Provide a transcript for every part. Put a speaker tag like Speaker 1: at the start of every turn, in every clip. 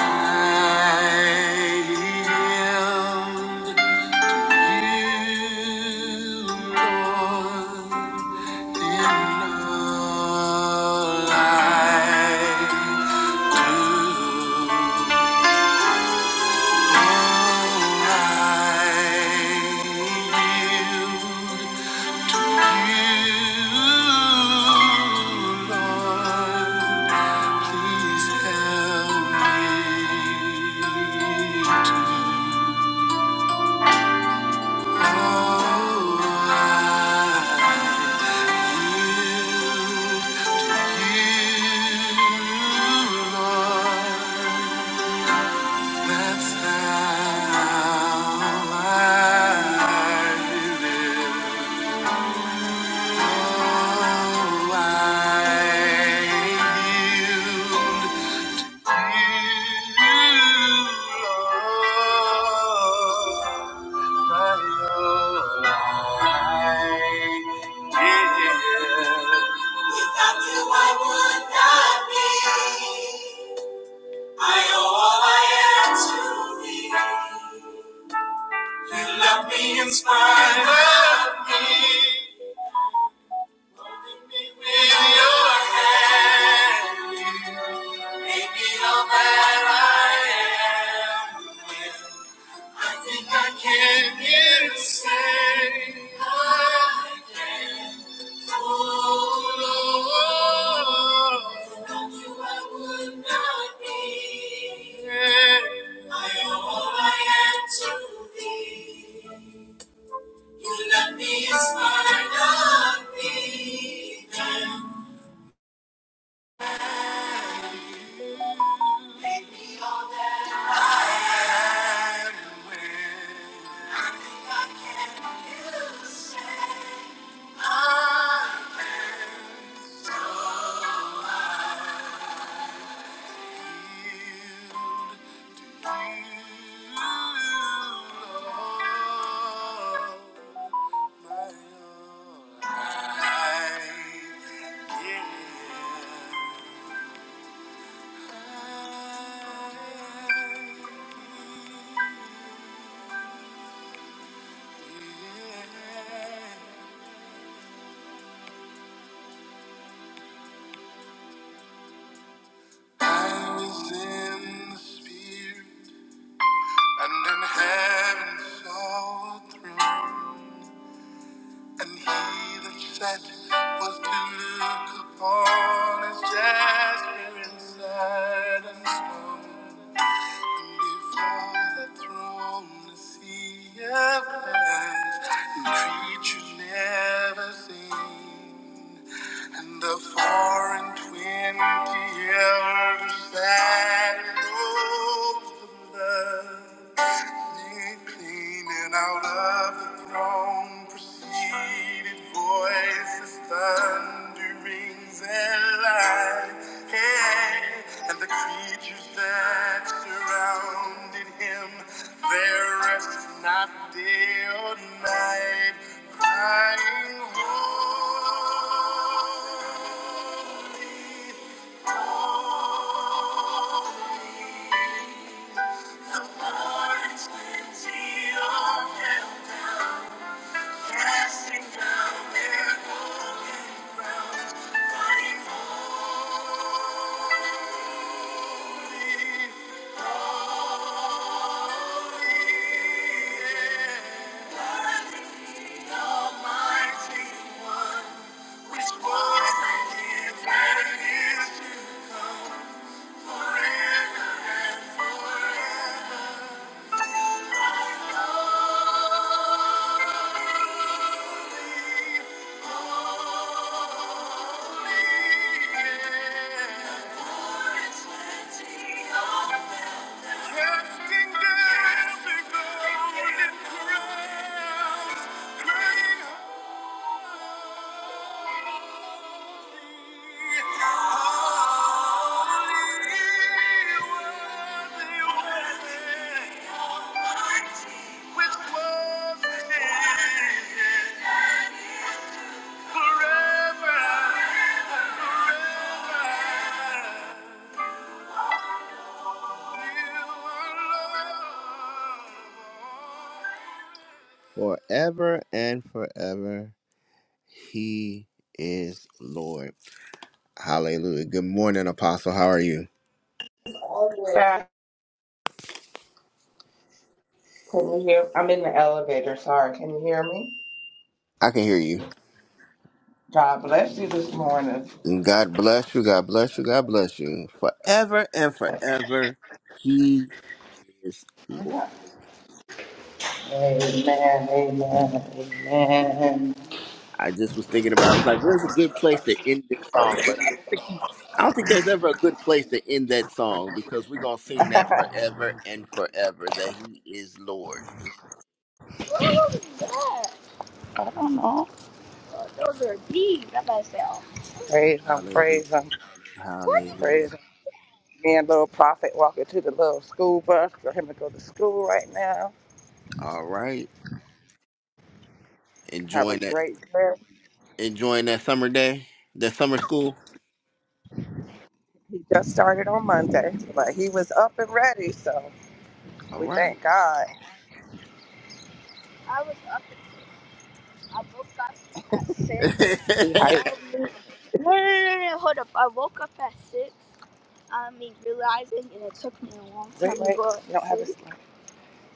Speaker 1: Thank you. Please help me to Oh, I yield. In spite of me, in your hand, maybe all that I am. I think I can hear you say, I can. Oh Lord, without you I would not be. Yeah. I am all I am to thee. You love me as spite of me. And I will yield to you, Lord. I was in the spirit and in heaven saw a throne. And he that sat was to look upon his jasper and sardine stone. And before the throne the sea of glass, and creatures never seen. And the four and twenty elders sat in robes of love. Cleaning out of the throne proceeded voices, thunderings, and light. Hey, and the creatures that surrounded him, their rest not day or night, crying, Holy, which was and is and is to be. Forever and forever. He is Lord. Hallelujah. Good morning, Apostle. How are you?
Speaker 2: all the way. Sorry, can you hear? I'm in the elevator. Sorry, can you hear me?
Speaker 1: I can hear you.
Speaker 2: God bless you this morning.
Speaker 1: And God bless you. God bless you. God bless you. Forever and forever, He is Lord.
Speaker 2: Amen. Amen. Amen.
Speaker 1: I just was thinking about. I was like, "Where's a good place to end this song?" But I don't think you, I don't think there's ever a good place to end that song because we're gonna sing that forever and forever that He is Lord.
Speaker 2: What was that? I don't know. Oh, those are deep. That must sound. Praise him.
Speaker 1: Hallelujah.
Speaker 2: Praise him.
Speaker 1: Hallelujah.
Speaker 2: Praise him. Me and little prophet walking to the little school bus for him to go to school right now.
Speaker 1: All right.
Speaker 2: Have a
Speaker 1: Enjoying that.
Speaker 2: great trip.
Speaker 1: enjoying that summer day, that summer school.
Speaker 2: He just started on Monday, but he was up and ready. So
Speaker 1: All
Speaker 2: we
Speaker 1: right.
Speaker 2: thank God. I was up. I woke up. six. He hyped. Um, no, no, no, no, no, hold up. I woke up at six. I mean, realizing, and it took me a long Wait, time Wait, to wait. go You don't have to. to sleep sleep.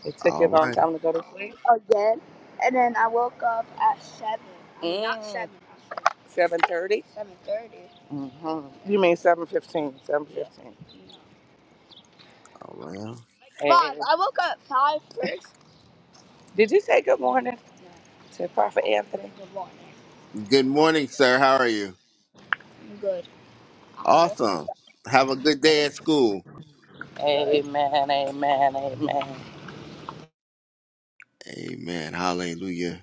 Speaker 2: It took you a
Speaker 1: All
Speaker 2: long
Speaker 1: right.
Speaker 2: time to go to sleep. again. And then I woke up at seven. I mean, not Mm. seven. Seven thirty. Seven thirty. Mm-hmm. You mean seven fifteen? Seven fifteen. Yeah.
Speaker 1: All right.
Speaker 2: No. Five. And I woke up at five first. did you say good morning No. to Prophet Anthony? Good morning.
Speaker 1: Good
Speaker 2: I'm
Speaker 1: morning, sir. How are you?
Speaker 2: good.
Speaker 1: Awesome. Have a good day at school.
Speaker 2: Amen. Amen. Amen.
Speaker 1: Amen. Hallelujah.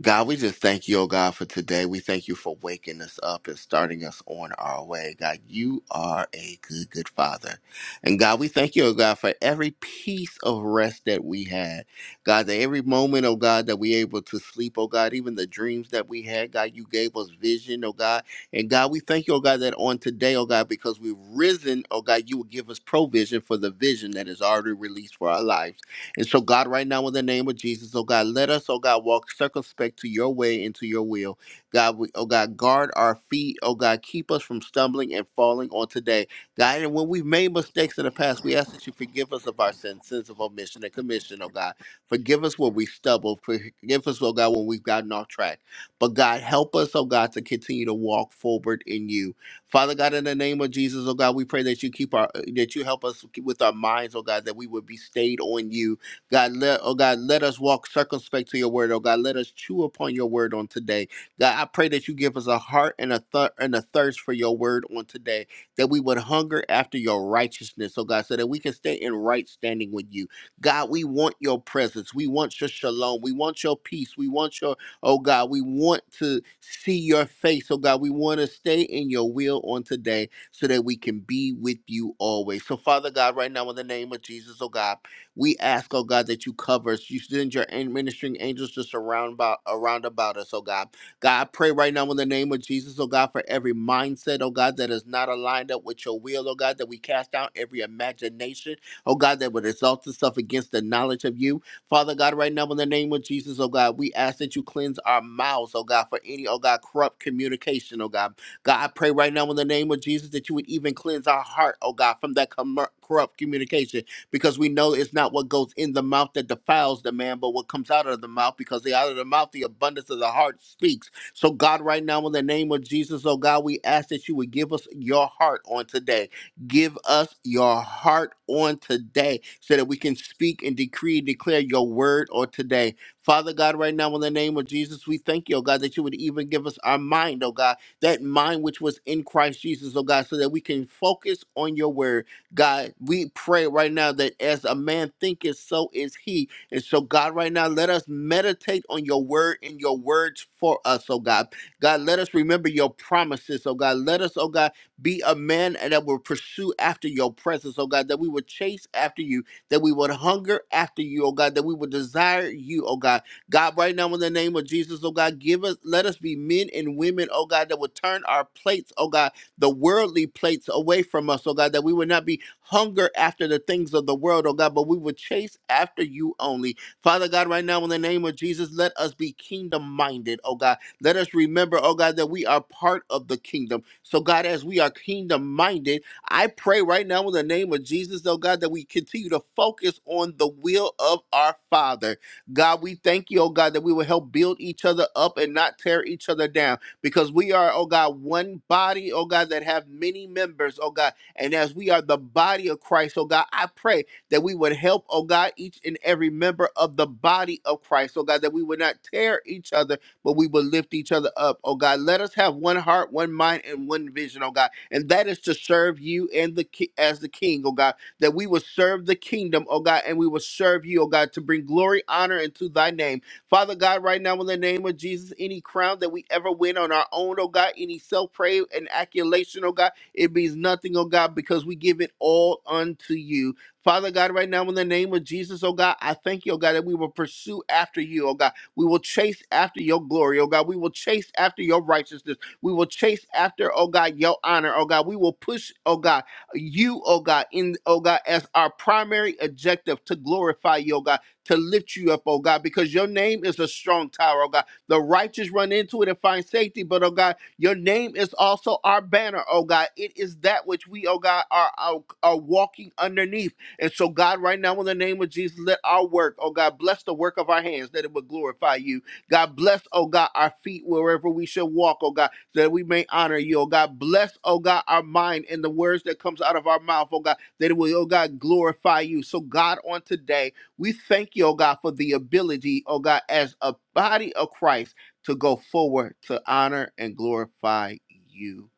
Speaker 1: God, we just thank you, oh God, for today. We thank you for waking us up and starting us on our way. God, you are a good, good father. And God, we thank you, oh God, for every piece of rest that we had. God, that every moment, oh God, that we able to sleep, oh God, even the dreams that we had, God, you gave us vision, oh God. And God, we thank you, oh God, that on today, oh God, because we've risen, oh God, you will give us provision for the vision that is already released for our lives. And so, God, right now, in the name of Jesus, oh God, let us, oh God, walk circumspect to your way and to your will. God, we, oh God, guard our feet. Oh God, keep us from stumbling and falling on today. God, and when we've made mistakes in the past, we ask that you forgive us of our sins, sins of omission and commission, oh God. Forgive us when we stumble. Forgive us, oh God, when we've gotten off track. But God, help us, oh God, to continue to walk forward in you. Father God, in the name of Jesus, oh God, we pray that you keep our, that you help us with our minds, oh God, that we would be stayed on you God, let, oh God, let us walk circumspect to your word. Oh God, let us chew upon your word on today. God, I pray that you give us a heart and a thir- and a thirst for your word on today, that we would hunger after your righteousness, oh God, so that we can stay in right standing with you. God, we want your presence. We want your shalom. We want your peace. We want your, oh God, we want to see your face, oh God. We want to stay in your will on today so that we can be with you always. So, Father God, right now in the name of Jesus, oh God. We ask, oh God, that you cover us. You send your an- ministering angels to surround about around about us, oh God. God, I pray right now in the name of Jesus, oh God, for every mindset, oh God, that is not aligned up with your will, oh God, that we cast down every imagination, oh God, that would exalt itself against the knowledge of you. Father God, right now in the name of Jesus, oh God, we ask that you cleanse our mouths, oh God, for any, oh God, corrupt communication, oh God. God, I pray right now in the name of Jesus that you would even cleanse our heart, oh God, from that com- corrupt communication because we know it's not what goes in the mouth that defiles the man, but what comes out of the mouth, because the out of the mouth, the abundance of the heart speaks. So, God, right now, in the name of Jesus, oh God, we ask that you would give us your heart on today. Give us your heart on today so that we can speak and decree and declare your word on today. Father God, right now, in the name of Jesus, we thank you, oh God, that you would even give us our mind, oh God, that mind which was in Christ Jesus, oh God, so that we can focus on your word God, we pray right now that as a man thinketh, so is he. And so, God, right now, let us meditate on your word and your words for us, oh God. God, let us remember your promises, oh God. Let us, oh God, be a man that will pursue after your presence, oh God, that we would chase after you, that we would hunger after you, oh God, that we would desire you, oh God. God, right now, in the name of Jesus, oh God, give us, let us be men and women, oh God, that would turn our plates, oh God the worldly plates away from us, oh God, that we would not be hunger after the things of the world, oh God, but we would chase after you only. Father God, right now in the name of Jesus, let us be kingdom minded, oh God. Let us remember, oh God, that we are part of the kingdom. So, God, as we are kingdom minded, I pray right now in the name of Jesus, oh God, that we continue to focus on the will of our Father. God, we thank you, oh God, that we will help build each other up and not tear each other down because we are, oh God, one body, oh God, that have many members, oh God. And as we are the body of Christ, oh God, I pray that we would help, oh God, each and every member of the body of Christ, oh God, that we would not tear each other, but we would lift each other up, oh God. Let us have one heart, one mind, and one vision, oh God. And that is to serve you and the ki- as the King, oh God, that we would serve the kingdom, oh God, and we will serve you, oh God, to bring glory, honor, into thy name. Father God, right now in the name of Jesus, any crown that we ever win on our own, oh God, any self praise and accolation, oh God, it means nothing, oh God, because we give it all unto you. Father God, right now in the name of Jesus, oh God, I thank you, oh God, that we will pursue after you, oh God. We will chase after your glory, oh God. We will chase after your righteousness. We will chase after, oh God, your honor, oh God. We will push, oh God, you, oh God, in, oh God, as our primary objective to glorify you, oh God to lift you up, oh God, because your name is a strong tower, oh God. The righteous run into it and find safety, but oh God, your name is also our banner, oh God. It is that which we, oh God, are, are, are walking underneath. And so, God, right now, in the name of Jesus, let our work, oh God, bless the work of our hands, that it would glorify you. God, bless, oh God, our feet wherever we shall walk, oh God, so that we may honor you, oh God. Bless, oh God, our mind and the words that comes out of our mouth, oh God, that it will, oh God, glorify you. So, God, on today, we thank you, oh God, for the ability, oh God, as a body of Christ to go forward to honor and glorify you.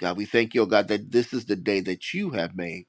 Speaker 1: God, we thank you, oh God, that this is the day that you have made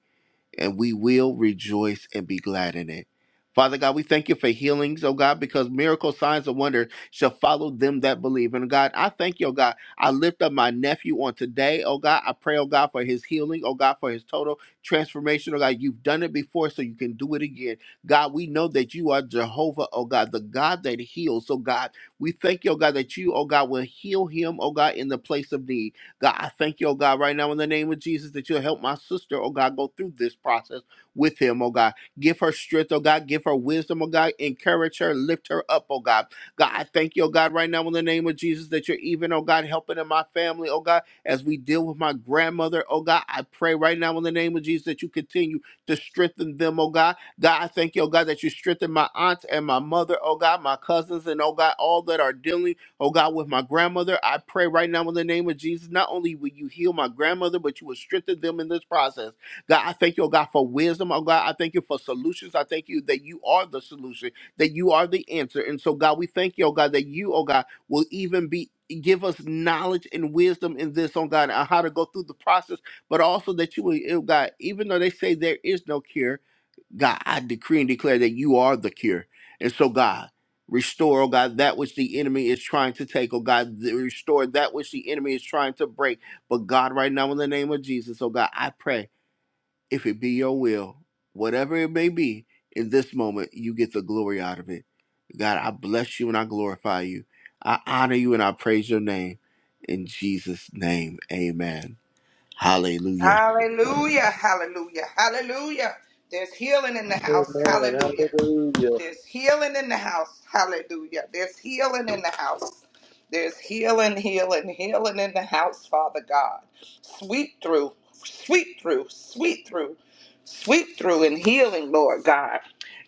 Speaker 1: and we will rejoice and be glad in it. Father God, we thank you for healings, oh God, because miracles, signs, and wonders shall follow them that believe. And God, I thank you, oh God. I lift up my nephew on today, oh God. I pray, oh God, for his healing, oh God, for his total transformation, oh God. You've done it before, so you can do it again. God, we know that you are Jehovah, oh God, the God that heals. So, God, we thank you, oh God, that you, oh God, will heal him, oh God, in the place of need. God, I thank you, oh God, right now in the name of Jesus that you'll help my sister, oh God, go through this process with him, oh God. Give her strength, oh God. Give her wisdom, oh God. Encourage her, lift her up, oh God. God, I thank you, oh God, right now in the name of Jesus that you're even, oh God, helping in my family, oh God, as we deal with my grandmother, oh God. I pray right now in the name of Jesus that you continue to strengthen them, oh God. God, I thank you, oh God, that you strengthen my aunts and my mother, oh God, my cousins, and oh God, all that are dealing Oh God, with my grandmother, I pray right now in the name of Jesus, not only will you heal my grandmother, but you will strengthen them in this process. God, I thank you, oh God, for wisdom. Oh God, I thank you for solutions. I thank you that you are the solution, that you are the answer. And so, God, we thank you, oh God, that you, oh God, will even be give us knowledge and wisdom in this, oh God, on how to go through the process, but also that you will, oh God, even though they say there is no cure. God, I decree and declare that you are the cure. And so, God, restore, oh God, that which the enemy is trying to take, oh God, th- restore that which the enemy is trying to break. But, God, right now, in the name of Jesus, oh God, I pray if it be your will, whatever it may be, in this moment, you get the glory out of it. God, I bless you and I glorify you. I honor you and I praise your name. In Jesus' name, amen. Hallelujah.
Speaker 2: Hallelujah, hallelujah, hallelujah. There's healing in the house,
Speaker 3: Amen.
Speaker 2: hallelujah.
Speaker 3: Hallelujah.
Speaker 2: There's healing in the house, hallelujah. There's healing in the house. There's healing, healing, healing in the house, Father God. Sweep through, sweep through, sweep through, sweep through and healing, Lord God.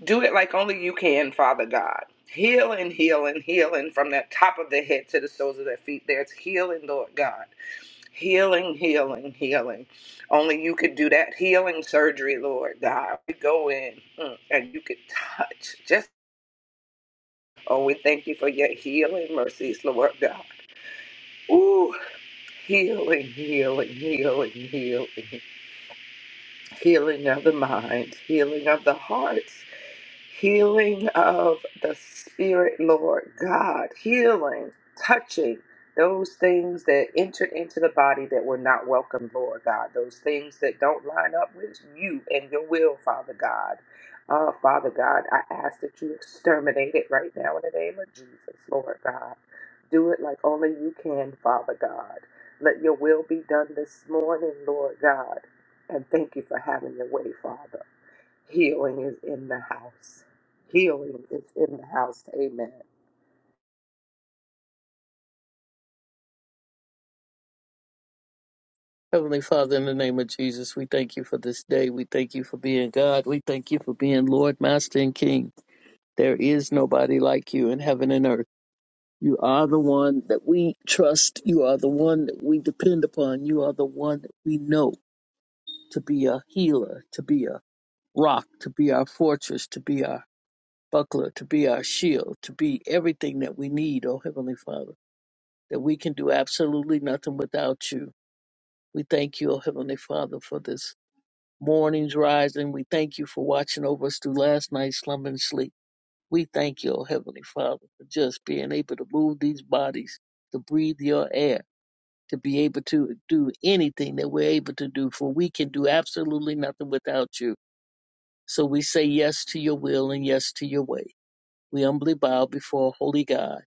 Speaker 2: Do it like only you can, Father God. Healing, healing, healing from the top of their head to the soles of their feet. There's healing, Lord God. Healing, healing, healing. Only you could do that healing surgery, Lord God. We go in mm, and you could touch. Just oh, we thank you for your healing mercies, Lord God. Ooh, healing, healing, healing, healing, healing of the mind, healing of the heart, healing of the spirit, Lord God, healing, touching those things that entered into the body that were not welcome, Lord God, those things that don't line up with you and your will, Father God. Uh, Father God, I ask that you exterminate it right now in the name of Jesus, Lord God. Do it like only you can, Father God. Let your will be done this morning, Lord God. And thank you for having your way, Father. Healing is in the house. Healing is in the house. Amen.
Speaker 3: Heavenly Father, in the name of Jesus, we thank you for this day. We thank you for being God. We thank you for being Lord, Master, and King. There is nobody like you in heaven and earth. You are the one that we trust. You are the one that we depend upon. You are the one that we know to be a healer, to be a rock, to be our fortress, to be our buckler, to be our shield, to be everything that we need, oh Heavenly Father, that we can do absolutely nothing without you. We thank you, O Heavenly Father, for this morning's rising. We thank you for watching over us through last night's slumber and sleep. We thank you, O Heavenly Father, for just being able to move these bodies, to breathe your air, to be able to do anything that we're able to do, for we can do absolutely nothing without you. So we say yes to your will and yes to your way. We humbly bow before Holy God,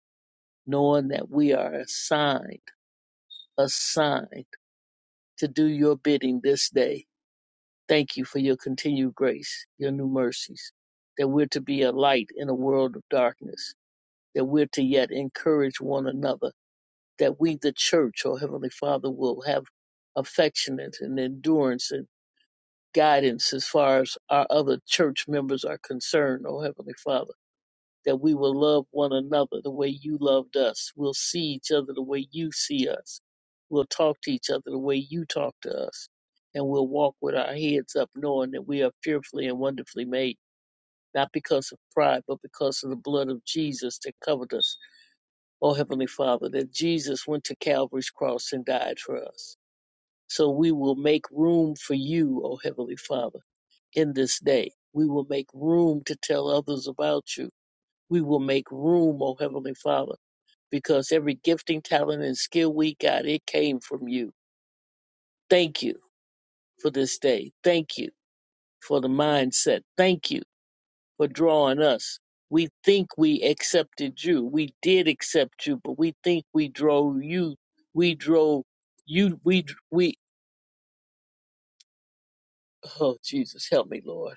Speaker 3: knowing that we are assigned, assigned to do your bidding this day Thank you for your continued grace, your new mercies, that we're to be a light in a world of darkness, that we're to yet encourage one another, that we, the church, oh Heavenly Father, will have affectionate and endurance and guidance as far as our other church members are concerned, oh Heavenly Father that we will love one another the way you loved us. We'll see each other the way you see us. We'll talk to each other the way you talk to us. And we'll walk with our heads up knowing that we are fearfully and wonderfully made, not because of pride, but because of the blood of Jesus that covered us. Oh, Heavenly Father, that Jesus went to Calvary's cross and died for us. So we will make room for you, oh Heavenly Father, in this day. We will make room to tell others about you we will make room, O Heavenly Father, because every gifting, talent, and skill we got, it came from you. Thank you for this day. Thank you for the mindset. Thank you for drawing us. We think we accepted you. We did accept you, but we think we drove you. We drove you. We, we, oh, Jesus, help me, Lord.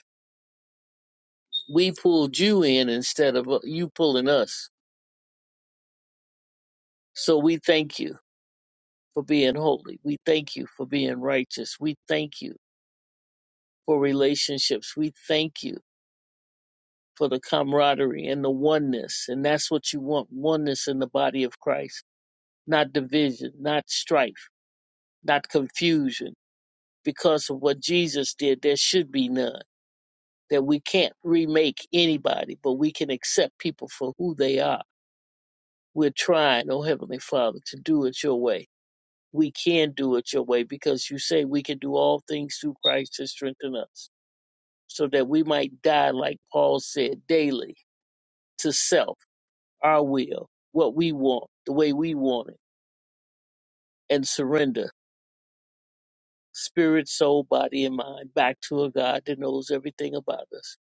Speaker 3: We pulled you in instead of uh, you pulling us. So we thank you for being holy. We thank you for being righteous. We thank you for relationships. We thank you for the camaraderie and the oneness. And that's what you want oneness in the body of Christ, not division, not strife, not confusion. Because of what Jesus did, there should be none. That we can't remake anybody, but we can accept people for who they are. We're trying, oh Heavenly Father, to do it your way. We can do it your way because you say we can do all things through Christ to strengthen us, so that we might die, like Paul said, daily to self, our will, what we want, the way we want it, and surrender spirit, soul, body, and mind back to a God that knows everything about us,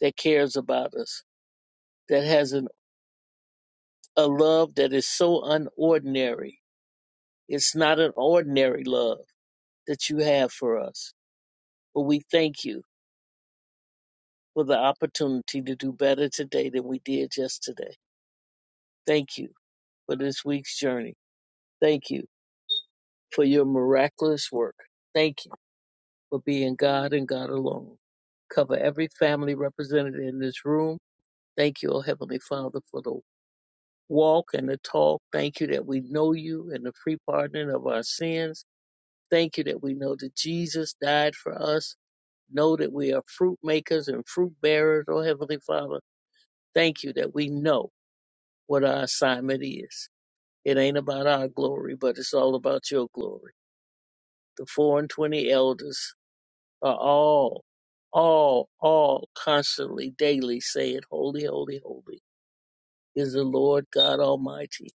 Speaker 3: that cares about us, that has an, a love that is so unordinary. It's not an ordinary love that you have for us, but we thank you for the opportunity to do better today than we did yesterday. Thank you for this week's journey. Thank you for your miraculous work. Thank you for being God and God alone. Cover every family represented in this room. Thank you, O Heavenly Father, for the walk and the talk. Thank you that we know you and the free pardoning of our sins. Thank you that we know that Jesus died for us. Know that we are fruit makers and fruit bearers, O Heavenly Father. Thank you that we know what our assignment is. It ain't about our glory, but it's all about your glory. The four and twenty elders are all, all, all constantly, daily saying, Holy, holy, holy is the Lord God Almighty,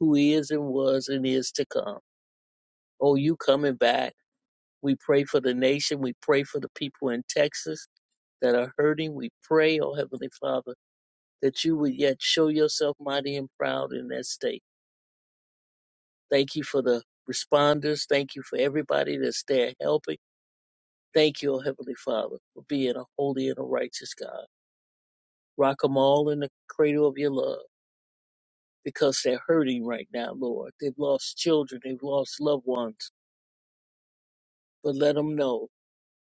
Speaker 3: who is and was and is to come. Oh, you coming back. We pray for the nation. We pray for the people in Texas that are hurting. We pray, oh Heavenly Father, that you would yet show yourself mighty and proud in that state. Thank you for the responders. Thank you for everybody that's there helping. Thank you, oh Heavenly Father, for being a holy and a righteous God. Rock 'em all in the cradle of your love because they're hurting right now, Lord. They've lost children, they've lost loved ones. But let 'em know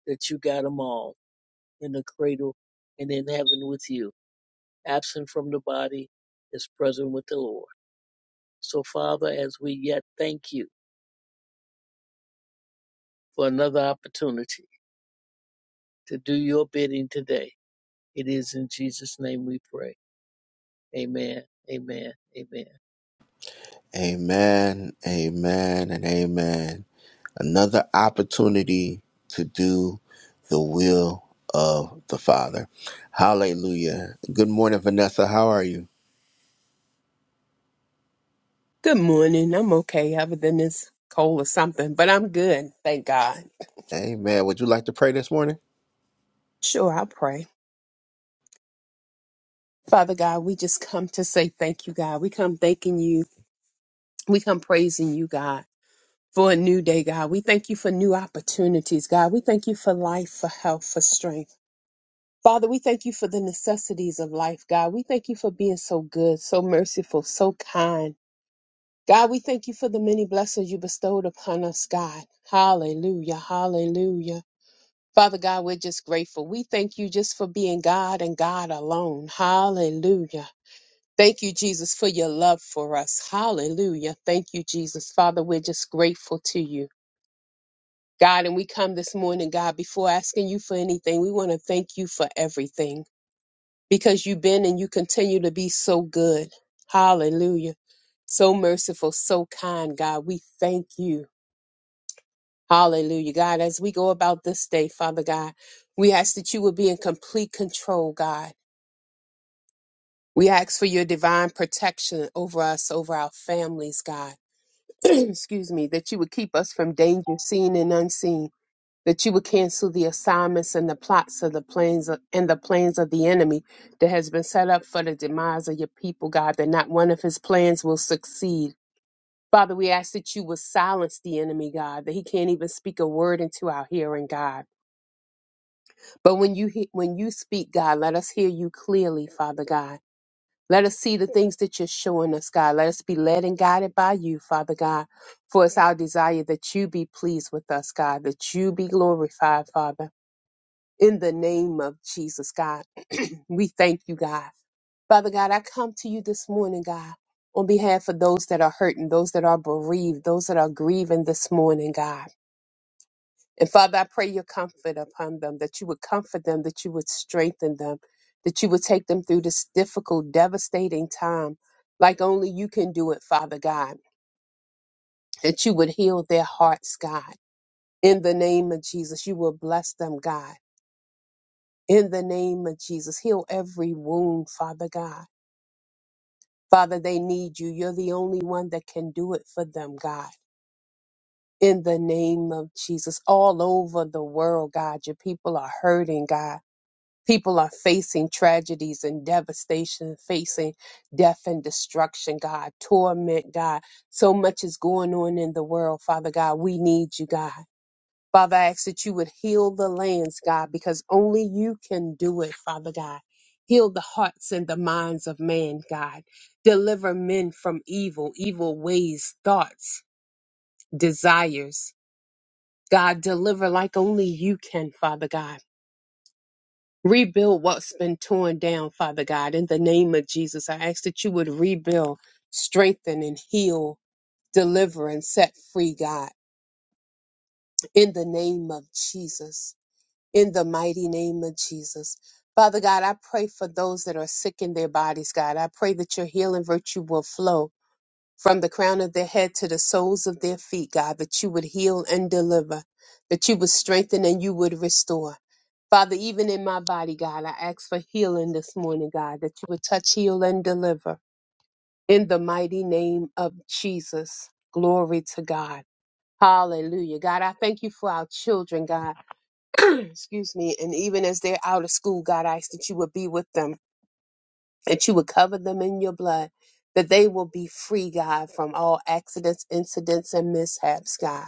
Speaker 3: that you got 'em all in the cradle and in heaven with you. Absent from the body is present with the Lord. So, Father, as we yet thank you for another opportunity to do your bidding today, it is in Jesus' name we pray. Amen. Amen. Amen.
Speaker 1: Amen, amen, and amen. Another opportunity to do the will of the Father. Hallelujah. Good morning, Vanessa. How are you?
Speaker 4: Good morning. I'm okay, other than this cold or something, but I'm good. Thank God.
Speaker 1: Amen. Would you like to pray this morning?
Speaker 4: Sure, I'll pray. Father God, we just come to say thank you, God. We come thanking you. We come praising you, God, for a new day, God. We thank you for new opportunities, God. We thank you for life, for health, for strength. Father, we thank you for the necessities of life, God. We thank you for being so good, so merciful, so kind. God, we thank you for the many blessings you bestowed upon us, God. Hallelujah. Hallelujah. Father God, we're just grateful. We thank you just for being God and God alone. Hallelujah. Thank you, Jesus, for your love for us. Hallelujah. Thank you, Jesus. Father, we're just grateful to you. God, and we come this morning, God, before asking you for anything, we want to thank you for everything because you've been and you continue to be so good. Hallelujah. So merciful, so kind, God. We thank you. Hallelujah, God. As we go about this day, Father God, we ask that you would be in complete control, God. We ask for your divine protection over us, over our families, God. Excuse me, that you would keep us from danger seen and unseen, that you would cancel the assignments and the plots of the plans and the plans of the enemy that has been set up for the demise of your people, God, that not one of his plans will succeed. Father, we ask that you would silence the enemy, God, that he can't even speak a word into our hearing, God. But when you he- when you speak, God, let us hear you clearly, Father God. Let us see the things that you're showing us, God. Let us be led and guided by you, Father God. For it's our desire that you be pleased with us, God, that you be glorified, Father. In the name of Jesus, God, we thank you, God. Father God, I come to you this morning, God, on behalf of those that are hurting, those that are bereaved, those that are grieving this morning, God. And Father, I pray your comfort upon them, that you would comfort them, that you would strengthen them, that you would take them through this difficult, devastating time like only you can do it, Father God, that you would heal their hearts, God. In the name of Jesus, you will bless them, God. In the name of Jesus, heal every wound, Father God. Father, they need you. You're the only one that can do it for them, God. In the name of Jesus, all over the world, God, your people are hurting, God People are facing tragedies and devastation, facing death and destruction, God, torment, God. So much is going on in the world, Father God. We need you, God. Father, I ask that you would heal the lands, God, because only you can do it, Father God. Heal the hearts and the minds of man, God. Deliver men from evil, evil ways, thoughts, desires. God, deliver like only you can, Father God. Rebuild what's been torn down, Father God. In the name of Jesus, I ask that you would rebuild, strengthen, and heal, deliver, and set free, God. In the name of Jesus. In the mighty name of Jesus. Father God, I pray for those that are sick in their bodies, God. I pray that your healing virtue will flow from the crown of their head to the soles of their feet, God, that you would heal and deliver, that you would strengthen and you would restore. Father, even in my body, God, I ask for healing this morning, God, that you would touch, heal, and deliver in the mighty name of Jesus. Glory to God. Hallelujah. God, I thank you for our children, God. Excuse me. And even as they're out of school, God, I ask that you would be with them, that you would cover them in your blood, that they will be free, God, from all accidents, incidents, and mishaps, God.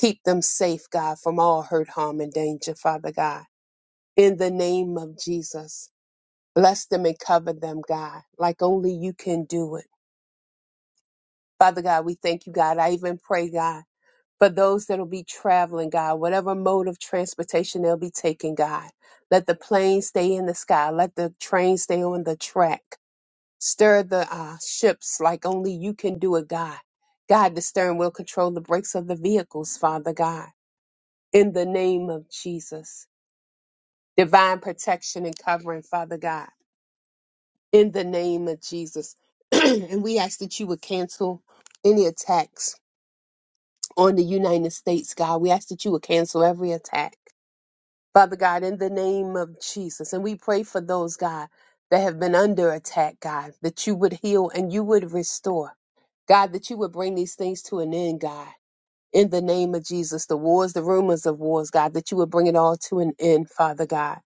Speaker 4: Keep them safe, God, from all hurt, harm, and danger, Father God in the name of Jesus. Bless them and cover them, God, like only you can do it. Father God, we thank you, God. I even pray, God, for those that'll be traveling, God, whatever mode of transportation they'll be taking, God. Let the plane stay in the sky. Let the train stay on the track. Stir the uh, ships like only you can do it, God. God, the stern will control the brakes of the vehicles, Father God. In the name of Jesus. Divine protection and covering, Father God. in the name of Jesus. and we ask that you would cancel any attacks on the United States, God. We ask that you would cancel every attack, Father God, in the name of Jesus. And we pray for those, God, that have been under attack, God, that you would heal and you would restore. God, that you would bring these things to an end, God. In the name of Jesus, the wars, the rumors of wars, God, that you would bring it all to an end, Father God.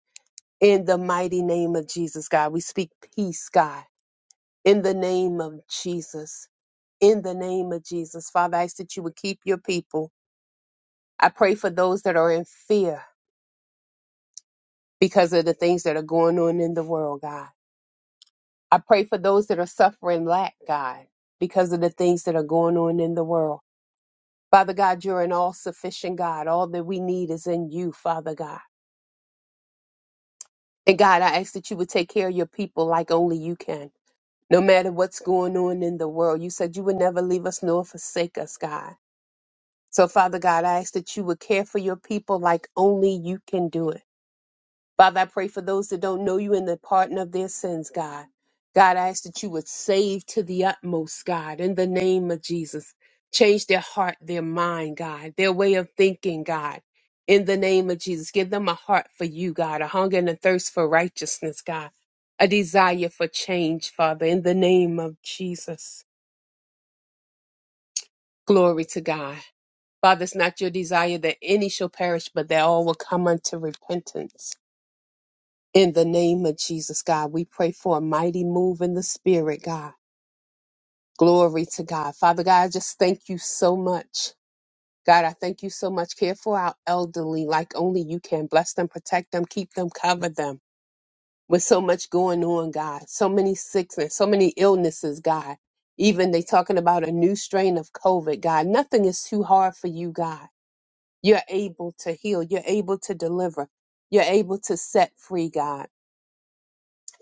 Speaker 4: In the mighty name of Jesus, God, we speak peace, God In the name of Jesus, in the name of Jesus, Father, I ask that you would keep your people. I pray for those that are in fear because of the things that are going on in the world, God. I pray for those that are suffering lack, God, because of the things that are going on in the world. Father God, you're an all sufficient God. All that we need is in you, Father God. And God, I ask that you would take care of your people like only you can. No matter what's going on in the world, you said you would never leave us nor forsake us, God. So, Father God, I ask that you would care for your people like only you can do it. Father, I pray for those that don't know you and the pardon of their sins, God. God, I ask that you would save to the utmost, God, in the name of Jesus. Change their heart, their mind, God, their way of thinking, God, in the name of Jesus. Give them a heart for you, God, a hunger and a thirst for righteousness, God, a desire for change, Father, in the name of Jesus. Glory to God. Father, it's not your desire that any shall perish, but that all will come unto repentance. In the name of Jesus, God, we pray for a mighty move in the Spirit, God. Glory to God. Father God, I just thank you so much. God, I thank you so much. Care for our elderly like only you can. Bless them, protect them, keep them, cover them. With so much going on, God, so many sickness, so many illnesses, God. Even they talking about a new strain of COVID, God. Nothing is too hard for you, God. You're able to heal. You're able to deliver. You're able to set free, God.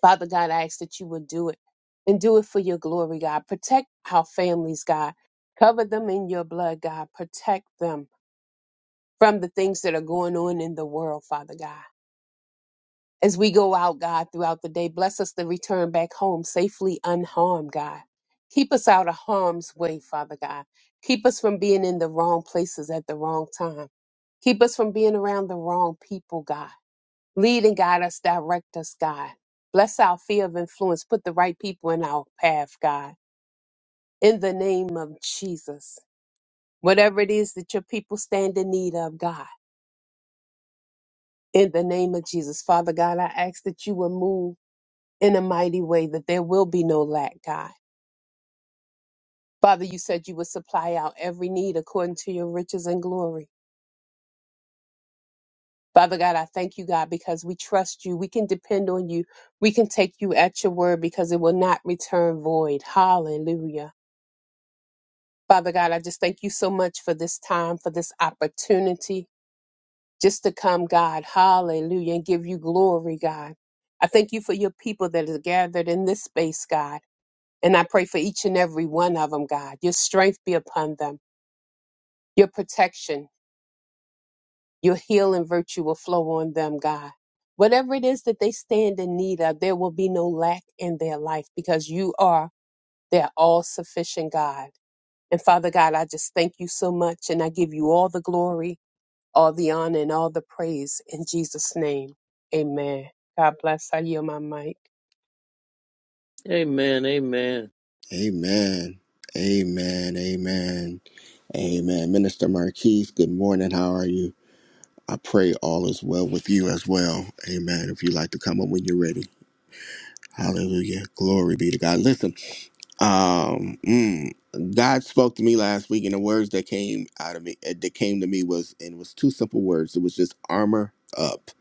Speaker 4: Father God, I ask that you would do it and do it for your glory, God. Protect our families, God. Cover them in your blood, God. Protect them from the things that are going on in the world, Father God. As we go out, God, throughout the day, bless us to return back home safely unharmed, God. Keep us out of harm's way, Father God. Keep us from being in the wrong places at the wrong time. Keep us from being around the wrong people, God. Lead and guide us, direct us, God. Bless our fear of influence. Put the right people in our path, God. In the name of Jesus. Whatever it is that your people stand in need of, God. In the name of Jesus. Father God, I ask that you will move in a mighty way, that there will be no lack, God. Father, you said you would supply our every need according to your riches and glory. Father God, I thank you, God, because we trust you. We can depend on you. We can take you at your word because it will not return void. Hallelujah. Father God, I just thank you so much for this time, for this opportunity just to come, God. Hallelujah. And give you glory, God. I thank you for your people that is gathered in this space, God. And I pray for each and every one of them, God. Your strength be upon them, your protection, your healing virtue will flow on them, God. Whatever it is that they stand in need of, there will be no lack in their life because you are their all sufficient God. And Father God, I just thank you so much and I give you all the glory all the honor and all the praise in Jesus' name. Amen. God bless. I yield my mic.
Speaker 3: Amen. Amen.
Speaker 1: Amen. Amen. Amen. Amen. Minister Marquise, good morning. How are you? I pray all is well with you as well. Amen. If you'd like to come up when you're ready. Hallelujah. Glory be to God. Listen. Um, mm, God spoke to me last week, and the words that came out of me eh, that came to me was and it was two simple words. It was just armor up,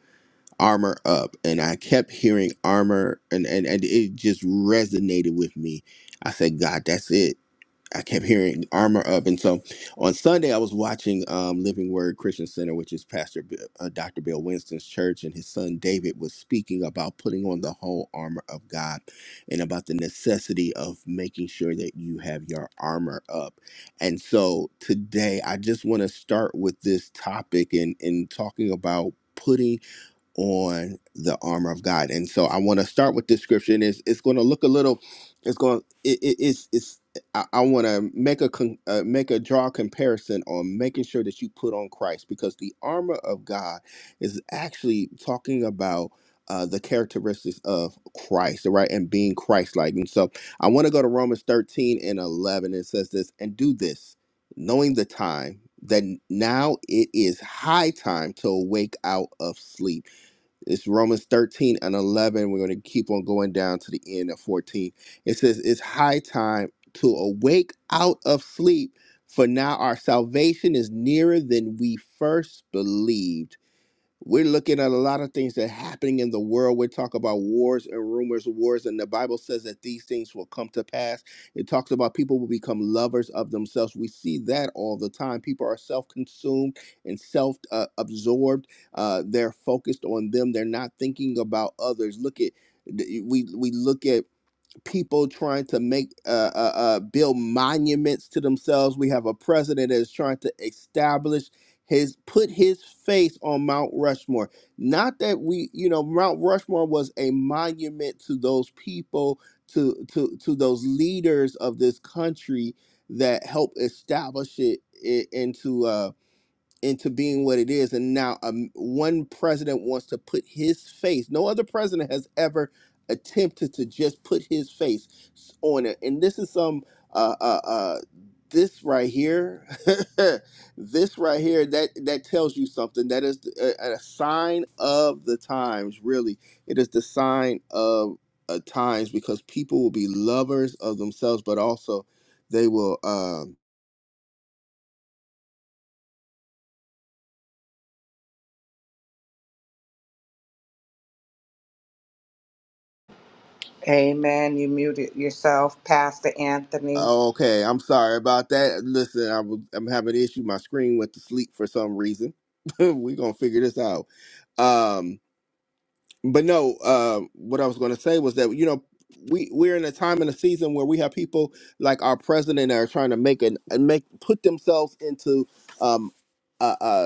Speaker 1: armor up, and I kept hearing armor, and and and it just resonated with me. I said, God, that's it I kept hearing armor up. And so on Sunday, I was watching um, Living Word Christian Center, which is Pastor B- uh, Dr. Bill Winston's church, and his son David was speaking about putting on the whole armor of God and about the necessity of making sure that you have your armor up. And so today, I just want to start with this topic and, and talking about. Putting on the armor of God. And so I want to start with this scripture, and it's, it's going to look a little. It's going. to, It, it, it's it's. I, I want to make a con, uh, make a draw comparison on making sure that you put on Christ because the armor of God is actually talking about. Uh, the characteristics of Christ, right, and being Christ-like, and so I want to go to Romans thirteen and eleven. It says this, and do this, knowing the time that now it is high time to awake out of sleep it's Romans 13 and 11. We're going to keep on going down to the end of 14. It says, It's high time to awake out of sleep, for now our salvation is nearer than we first believed. We're looking at a lot of things that are happening in the world. We talk about wars and rumors of wars, and the Bible says that these things will come to pass. It talks about people will become lovers of themselves. We see that all the time. People are self consumed and self uh, absorbed. Uh, they're focused on them, they're not thinking about others. Look at we we look at people trying to make uh, uh, uh, build monuments to themselves. We have a president that is trying to establish his put his face on Mount Rushmore. Not that we, you know, Mount Rushmore was a monument to those people, to to to those leaders of this country that helped establish it i- into. uh, into being what it is. And now um, one president wants to put his face. No other president has ever attempted to just put his face s- on it. And this is some uh, uh, uh, this right here, this right here that that tells you something. That is a, a sign of the times. Really, it is the sign of uh, times because people will be lovers of themselves, but also they will. Um,
Speaker 2: Amen. You muted yourself, Pastor Anthony.
Speaker 1: Okay, I'm sorry about that. Listen, I'm I'm having an issue. My screen went to sleep for some reason. We're gonna figure this out. Um, but no, uh, what I was gonna say was that you know we we're in a time and a season where we have people like our president that are trying to make an and make put themselves into um a,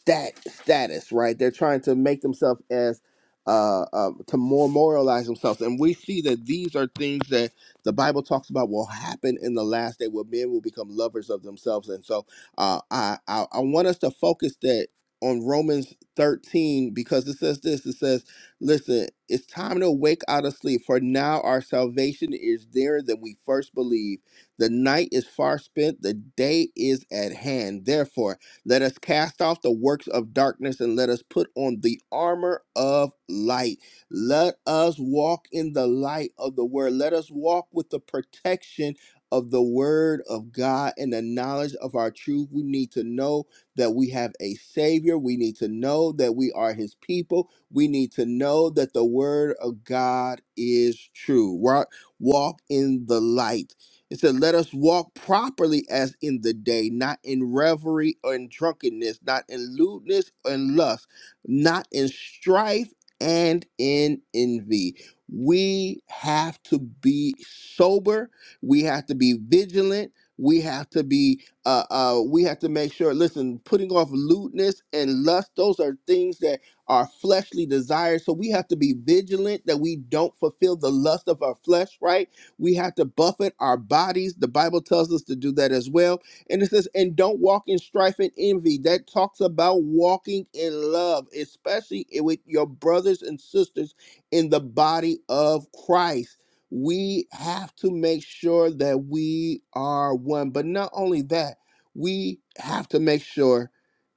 Speaker 1: stat status, right? They're trying to make themselves as uh, uh, to memorialize themselves, and we see that these are things that the Bible talks about will happen in the last day, where men will become lovers of themselves. And so, uh, I I, I want us to focus that on Romans thirteen because it says this. It says, "Listen, it's time to wake out of sleep, for now our salvation is nearer than we first believed." The night is far spent, the day is at hand. Therefore, let us cast off the works of darkness and let us put on the armor of light. Let us walk in the light of the word. Let us walk with the protection of the word of God and the knowledge of our truth. We need to know that we have a savior. We need to know that we are his people. We need to know that the word of God is true. Wa- Walk in the light it said, Let us walk properly as in the day, not in revelry or in drunkenness, not in lewdness and lust, not in strife and in envy. We have to be sober. We have to be vigilant. We have to be, uh, uh, we have to make sure, listen, putting off lewdness and lust, those are things that are fleshly desires. So we have to be vigilant that we don't fulfill the lust of our flesh, right? We have to buffet our bodies. The Bible tells us to do that as well. And it says, and don't walk in strife and envy. That talks about walking in love, especially i- with your brothers and sisters in the body of Christ. We have to make sure that we are one. But not only that, we have to make sure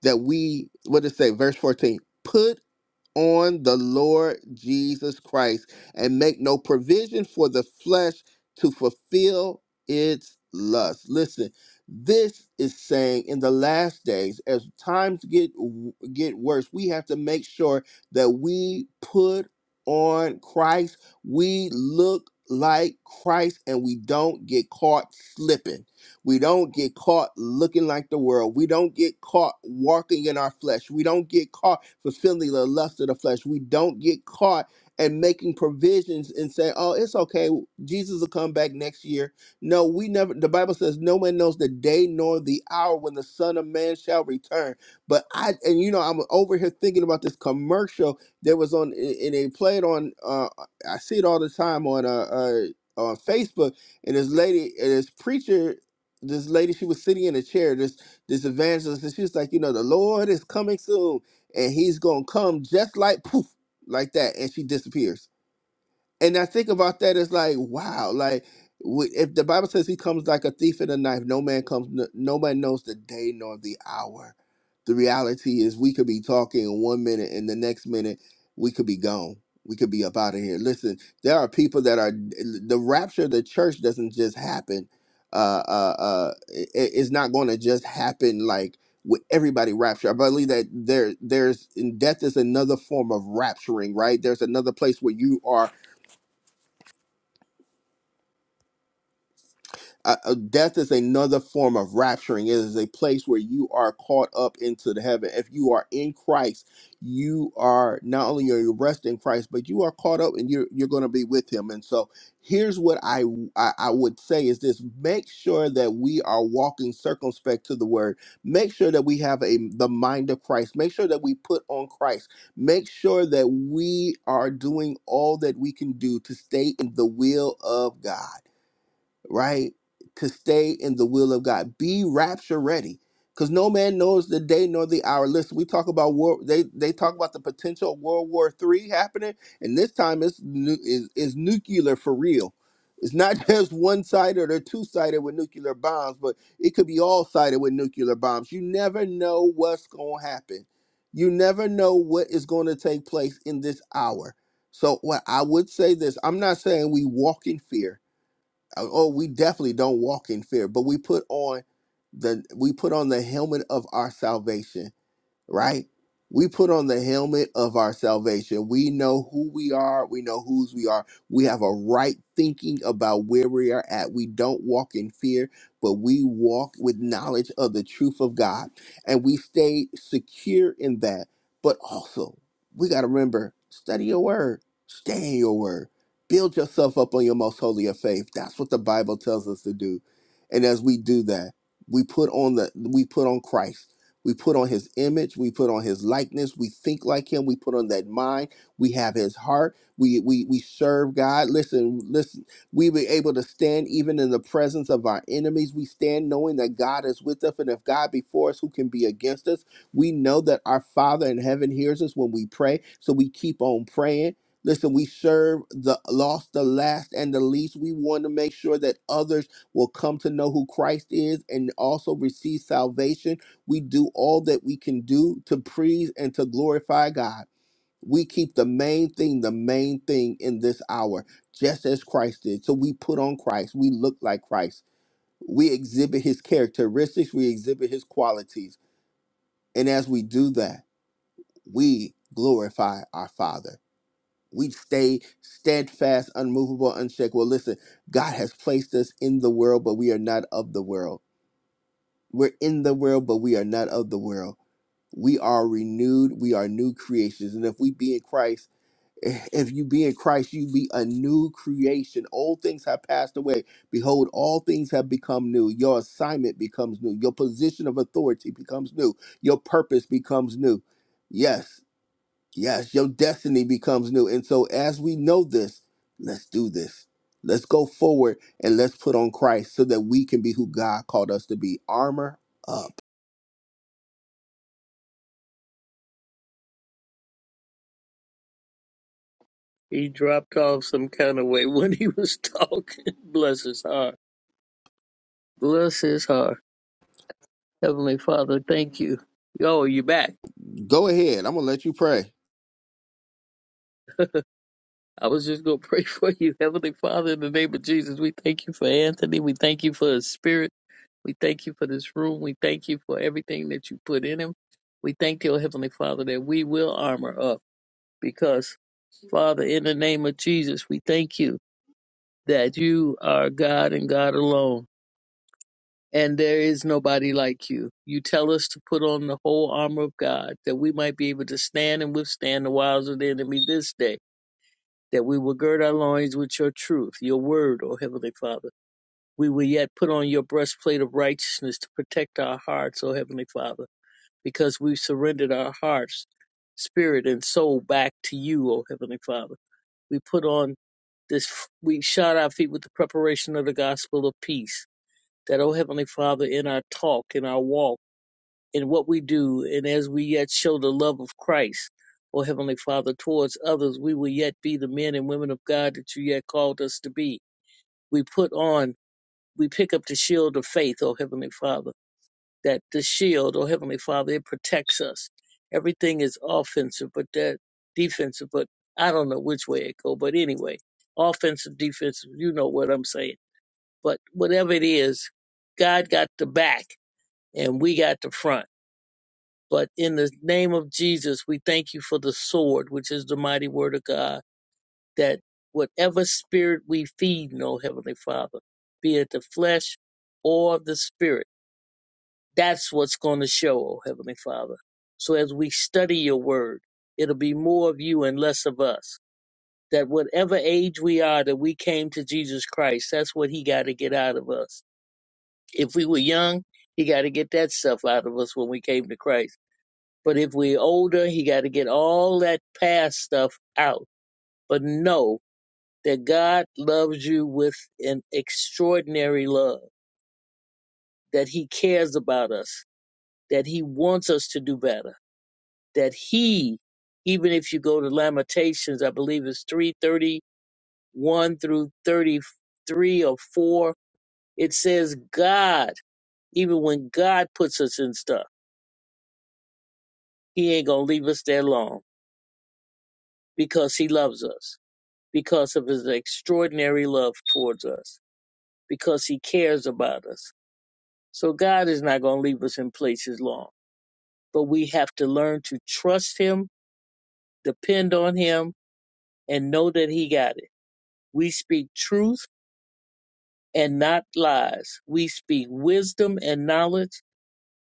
Speaker 1: that we, what does it say, verse 14? Put on the Lord Jesus Christ and make no provision for the flesh to fulfill its lust. Listen, this is saying in the last days, as times get get worse, we have to make sure that we put on Christ. We look like Christ and we don't get caught slipping we don't get caught looking like the world. We don't get caught walking in our flesh. We don't get caught fulfilling the lust of the flesh. We don't get caught and making provisions and say, oh, it's okay. Jesus will come back next year. No, we never, the Bible says, no man knows the day nor the hour when the Son of Man shall return. But I, and you know, I'm over here thinking about this commercial that was on, and they played on, uh, I see it all the time on, uh, uh, on Facebook, and this lady, and this preacher this lady she was sitting in a chair this this evangelist and she was like you know the lord is coming soon and he's gonna come just like poof like that and she disappears and I think about that as like, wow, like w- if the Bible says he comes like a thief in a knife, no man comes, no, no man knows the day nor the hour. The reality is, we could be talking one minute, and the next minute we could be gone. We could be up out of here. Listen, there are people that are the rapture of the church doesn't just happen. Uh, uh, uh, it, it's not going to just happen like with everybody rapture. I believe that there, there's death is another form of rapturing, right? There's another place where you are uh, uh, death is another form of rapturing. It is a place where you are caught up into the heaven. If you are in Christ, you are not only are you rest in Christ, but you are caught up and you're you're going to be with Him. And so, here's what I, I I would say is this: make sure that we are walking circumspect to the Word. Make sure that we have a the mind of Christ. Make sure that we put on Christ. Make sure that we are doing all that we can do to stay in the will of God right? To stay in the will of God. Be rapture ready. Because no man knows the day nor the hour. Listen, we talk about war. They they talk about the potential of World War Three happening, and this time it's nu- is is nuclear for real. It's not just one sided or two sided with nuclear bombs, but it could be all sided with nuclear bombs. You never know what's going to happen. You never know what is going to take place in this hour. So, what I would say this, I'm not saying we walk in fear. Uh, oh we definitely don't walk in fear but we put on the we put on the helmet of our salvation right? We put on the helmet of our salvation. We know who we are. We know whose we are. We have a right thinking about where we are at. We don't walk in fear, but we walk with knowledge of the truth of God. And we stay secure in that. But also, we got to remember study your word, stay in your word, build yourself up on your most holy of faith. That's what the Bible tells us to do. And as we do that, we put on the we put on Christ we put on his image, we put on his likeness, we think like him, we put on that mind, we have his heart, we we we serve God. Listen, listen, we be able to stand even in the presence of our enemies. We stand knowing that God is with us, and if God be for us, who can be against us? We know that our Father in heaven hears us when we pray, so we keep on praying. Listen, we serve the lost, the last, and the least. We want to make sure that others will come to know who Christ is and also receive salvation we do all that we can do to praise and to glorify God. We keep the main thing, the main thing in this hour, just as Christ did. So we put on Christ. We look like Christ. We exhibit his characteristics, we exhibit his qualities. And as we do that, we glorify our Father. We stay steadfast, unmovable, unshakable. Listen, God has placed us in the world, but we are not of the world. We're in the world, but we are not of the world. We are renewed. We are new creations. And if we be in Christ, if you be in Christ, you be a new creation. Old things have passed away. Behold, all things have become new. Your assignment becomes new. Your position of authority becomes new. Your purpose becomes new. Yes, yes, your destiny becomes new. And so, as we know this, let's do this. Let's go forward and let's put on Christ so that we can be who God called us to be. Armor up
Speaker 3: He dropped off some kind of way when he was talking. Bless his heart. Bless his heart. Heavenly Father, thank you. Oh, you are back.
Speaker 1: Go ahead. I'm gonna let you pray.
Speaker 3: I was just going to pray for you. Heavenly Father, in the name of Jesus, we thank you for Anthony. We thank you for his spirit. We thank you for this room. We thank you for everything that you put in him. We thank you, Heavenly Father, that we will armor up because, Father, in the name of Jesus, we thank you that you are God and God alone. and there is nobody like you. You tell us to put on the whole armor of God that we might be able to stand and withstand the wiles of the enemy this day, that we will gird our loins with your truth, your word, O Heavenly Father. We will yet put on your breastplate of righteousness to protect our hearts, O Heavenly Father, because we've surrendered our hearts, spirit, and soul back to you, O Heavenly Father. We put on this, we shod our feet with the preparation of the gospel of peace that, O Heavenly Father, in our talk, in our walk in what we do, and as we yet show the love of Christ, O Heavenly Father, towards others, we will yet be the men and women of God that you yet called us to be. We put on, we pick up the shield of faith, O Heavenly Father, that the shield, O Heavenly Father, it protects us. Everything is offensive, but that defensive, but I don't know which way it go, but anyway, offensive, defensive, you know what I'm saying. But whatever it is, God got the back and we got the front. But in the name of Jesus, we thank you for the sword, which is the mighty word of God, that whatever spirit we feed, no Heavenly Father, be it the flesh or the spirit, that's what's going to show, oh Heavenly Father. So as we study your word, it'll be more of you and less of us. That whatever age we are that we came to Jesus Christ, that's what he got to get out of us. If we were young, he got to get that stuff out of us when we came to Christ But if we're older, he got to get all that past stuff out. But know that God loves you with an extraordinary love, that he cares about us, that he wants us to do better, that he, even if you go to Lamentations, I believe it's 331 through 33 or 4, it says God, even when God puts us in stuff, he ain't going to leave us there long because he loves us. because of his extraordinary love towards us, because he cares about us. So God is not going to leave us in places long, but we have to learn to trust him, depend on him, and know that he got it. We speak truth and not lies. We speak wisdom and knowledge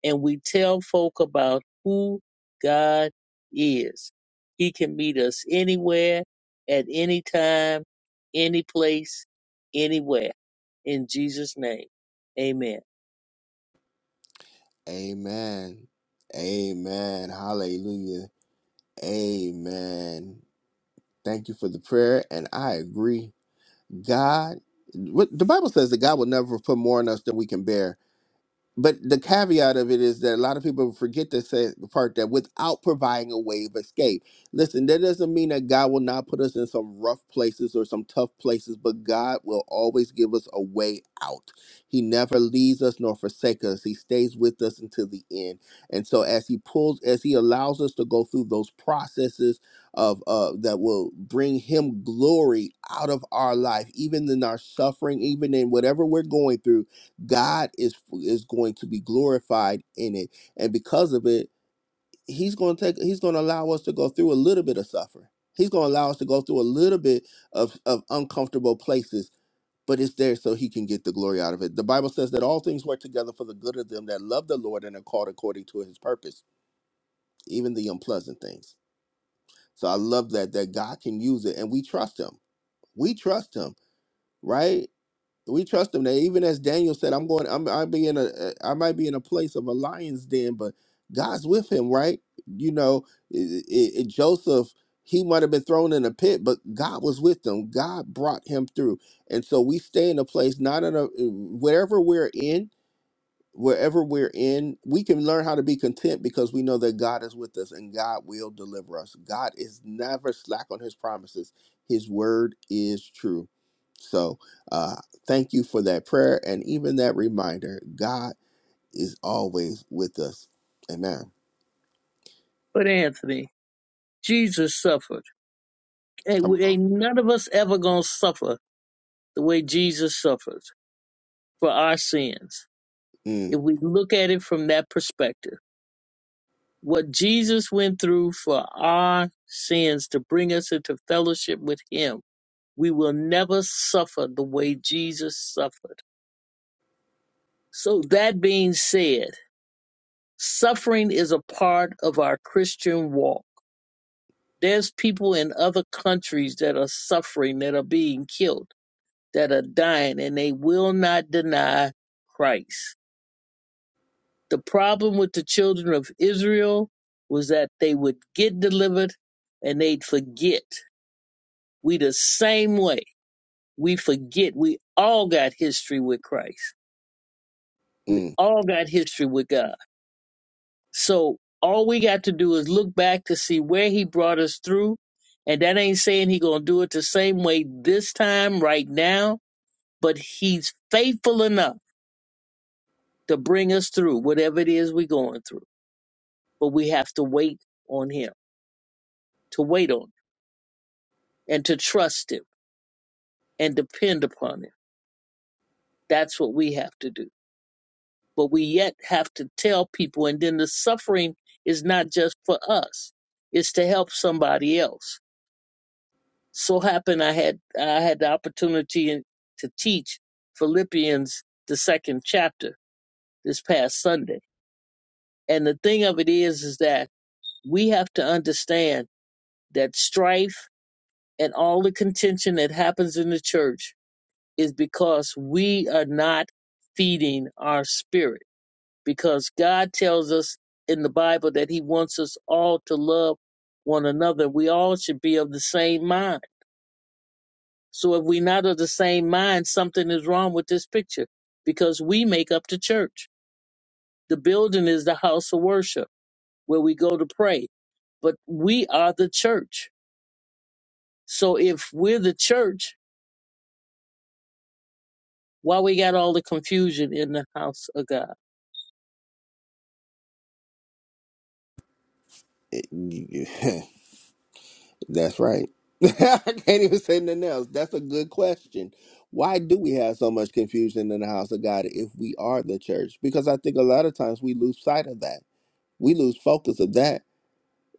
Speaker 3: and we tell folk about who God is. He can meet us anywhere, at any time, any place, anywhere. In Jesus' name, amen.
Speaker 1: Amen. Amen. Hallelujah. Amen. Thank you for the prayer. And I agree. God, what the Bible says that God will never put more on us than we can bear. but the caveat of it is that a lot of people forget to say the part that without providing a way of escape. Listen, that doesn't mean that God will not put us in some rough places or some tough places, but God will always give us a way out. He never leaves us nor forsakes us. He stays with us until the end. And so as he pulls, as he allows us to go through those processes of uh that will bring him glory out of our life, even in our suffering, even in whatever we're going through God is is going to be glorified in it, and because of it, He's going to take. He's going to allow us to go through a little bit of suffering. He's going to allow us to go through a little bit of of uncomfortable places, but it's there so He can get the glory out of it. The Bible says that all things work together for the good of them that love the Lord and are called according to His purpose, even the unpleasant things. So I love that that God can use it, and we trust Him. We trust Him, right? We trust him that even as Daniel said, I'm going, I'm, i be in a, uh, I might be in a place of a lion's den, but God's with him, right? You know, i i i- Joseph, he might have been thrown in a pit, but God was with him. God brought him through, and so we stay in a place, not in a uh, wherever we're in wherever we're in, we can learn how to be content because we know that God is with us and God will deliver us. God is never slack on his promises, his word is true. So, uh, thank you for that prayer and even that reminder. God is always with us. Amen.
Speaker 3: But Anthony, Jesus suffered. Ain't,
Speaker 1: Come
Speaker 3: we- ain't none of us ever going to suffer the way Jesus suffered for our sins.
Speaker 1: on.
Speaker 3: If we look at it from that perspective, what Jesus went through for our sins to bring us into fellowship with Him We will never suffer the way Jesus suffered. So, that being said, suffering is a part of our Christian walk. There's people in other countries that are suffering, that are being killed, that are dying, and they will not deny Christ. The problem with the children of Israel was that they would get delivered and they'd forget. We the same way. We forget. We all got history with Christ. We
Speaker 1: Mm,
Speaker 3: all got history with God. So all we got to do is look back to see where he brought us through. And that ain't saying he gonna do it the same way this time right now, but he's faithful enough to bring us through whatever it is we're going through. But we have to wait on him, to wait on him, and to trust him and depend upon him. That's what we have to do. But we yet have to tell people and then the suffering is not just for us, it's to help somebody else so happened I had I had the opportunity in- to teach Philippians the second chapter this past Sunday. And the thing of it is is that we have to understand that strife and all the contention that happens in the church is because we are not feeding our spirit because God tells us in the Bible that he wants us all to love one another. We all should be of the same mind So if we're not of the same mind, something is wrong with this picture because we make up the church. The building is the house of worship where we go to pray, but we are the church. So if we're the church, why we got all the confusion in the house of God?
Speaker 1: mm. That's right. I can't even say nothing else. That's a good question. Why do we have so much confusion in the house of God if we are the church? Because I think a lot of times we lose sight of that. We lose focus of that.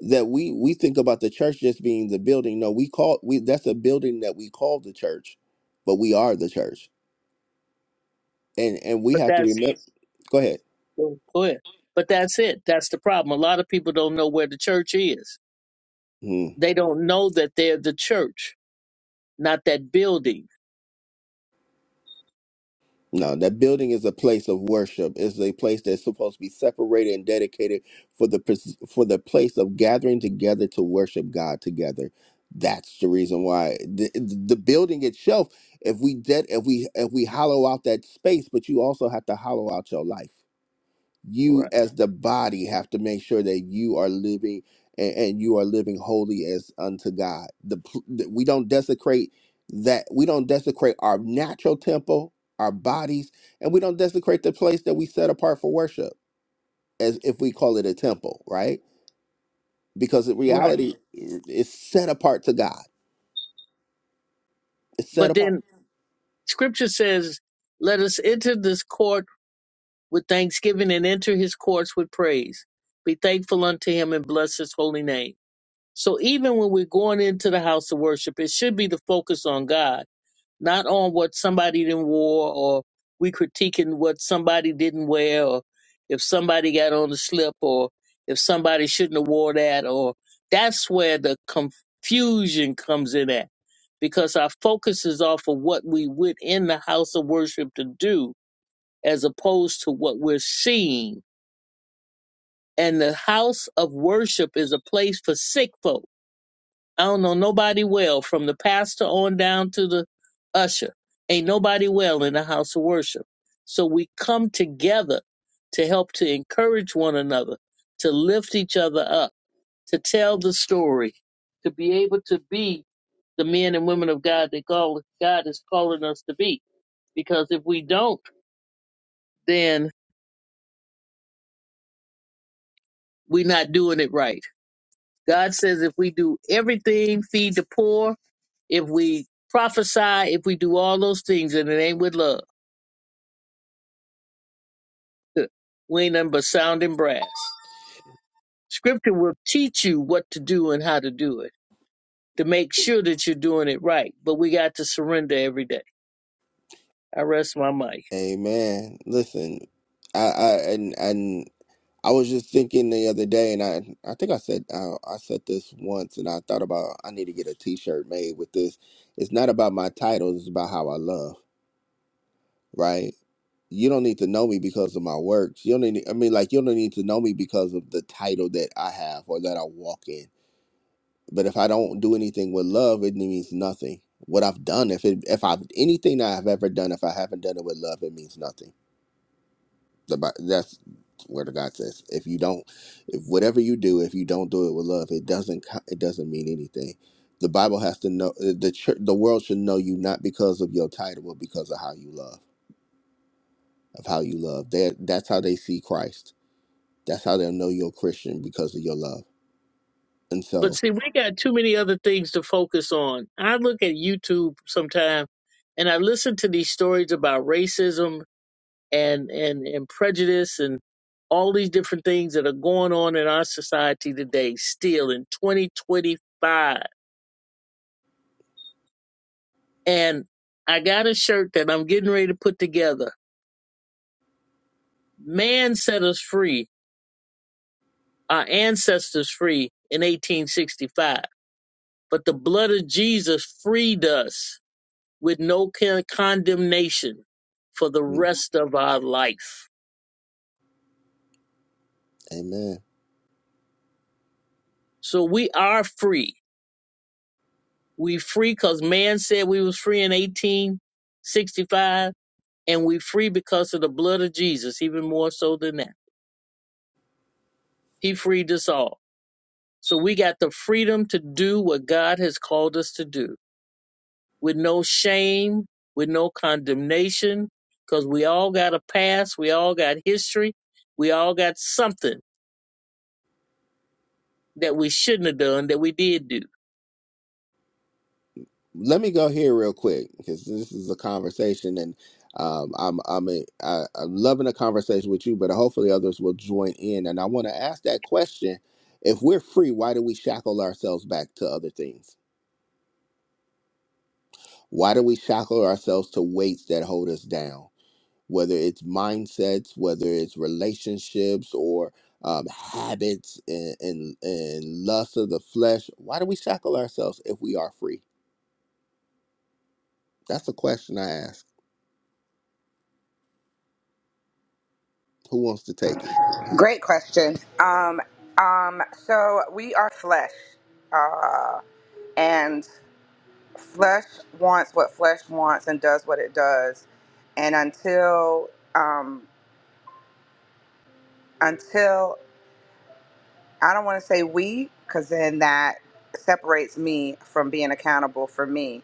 Speaker 1: That we we think about the church just being the building. No, we call we that's a building that we call the church, but we are the church, and and we
Speaker 3: But
Speaker 1: have to
Speaker 3: that's
Speaker 1: remember. Go ahead.
Speaker 3: go ahead. But that's it. That's the problem. A lot of people don't know where the church is. They don't know that they're the church, not that building.
Speaker 1: No, that building is a place of worship. It's a place that's supposed to be separated and dedicated for the pres- for the place of gathering together to worship God together. That's the reason why the, the building itself. If we dead, if we if we hollow out that space, but you also have to hollow out your life you
Speaker 3: Right.
Speaker 1: as the body have to make sure that you are living and, and you are living holy as unto God. The, pl- that we don't desecrate that we don't desecrate our natural temple, our bodies, and we don't desecrate the place that we set apart for worship as if we call it a temple, right? Because in
Speaker 3: Right.
Speaker 1: reality i- it's set apart to God. It's set
Speaker 3: But
Speaker 1: apart.
Speaker 3: then scripture says, let us enter this court with thanksgiving and enter his courts with praise. Be thankful unto him and bless his holy name. So even when we're going into the house of worship, it should be the focus on God, not on what somebody didn't wore or we critiquing what somebody didn't wear or if somebody got on the slip or if somebody shouldn't have wore that or that's where the confusion comes in at because our focus is off of what we went in the house of worship to do as opposed to what we're seeing. And the house of worship is a place for sick folk. I don't know nobody well, from the pastor on down to the usher. Ain't nobody well in the house of worship. So we come together to help to encourage one another, to lift each other up, to tell the story, to be able to be the men and women of God that God God is calling us to be. Because if we don't, then we're not doing it right God says if we do everything, feed the poor, if we prophesy, if we do all those things, and it ain't with love, we ain't nothing but sounding brass. Scripture will teach you what to do and how to do it to make sure that you're doing it right. But we got to surrender every day. I rest my mic.
Speaker 1: Amen. Listen, I, I and and I was just thinking the other day, and I I think I said I, I said this once, and I thought about I need to get a T-shirt made with this. It's not about my titles; it's about how I love. Right? You don't need to know me because of my works. You don't need. I mean, like you don't need to know me because of the title that I have or that I walk in. But if I don't do anything with love, it means nothing. What I've done, if it, if I've anything that I've ever done, if I haven't done it with love, it means nothing The Bi- That's where the God says, if you don't, if whatever you do, if you don't do it with love, it doesn't co- it doesn't mean anything. The Bible has to know uh, the church, the world should know you not because of your title, but because of how you love, of how you love. That that's how they see Christ. That's how they'll know you're a Christian because of your love. And
Speaker 3: But
Speaker 1: so,
Speaker 3: see, we got too many other things to focus on. I look at YouTube sometimes and I listen to these stories about racism and and and prejudice and all these different things that are going on in our society today still in 2025 and i got a shirt that i'm getting ready to put together man set us free our ancestors free in 1865 but the blood of jesus freed us with no con- condemnation for the
Speaker 1: mm,
Speaker 3: rest of our life
Speaker 1: Amen.
Speaker 3: so we are free We free because man said we was free in 1865, and we free because of the blood of Jesus, even more so than that. He freed us all. So we got the freedom to do what God has called us to do with no shame, with no condemnation, because we all got a past, we all got history, we all got something that we shouldn't have done that we did do.
Speaker 1: let me go here real quick because this is a conversation and um, I'm I'm a, I, I'm loving a conversation with you, but hopefully others will join in. And I want to ask that question: If we're free, why do we shackle ourselves back to other things? Why do we shackle ourselves to weights that hold us down? Whether it's mindsets, whether it's relationships, or um, habits and, and and lust of the flesh, why do we shackle ourselves if we are free? That's a question I ask. Who wants to take it?
Speaker 2: Great question. Um, um, so we are flesh, uh, and flesh wants what flesh wants and does what it does. And until, um, until I don't want to say we, because then that separates me from being accountable for me.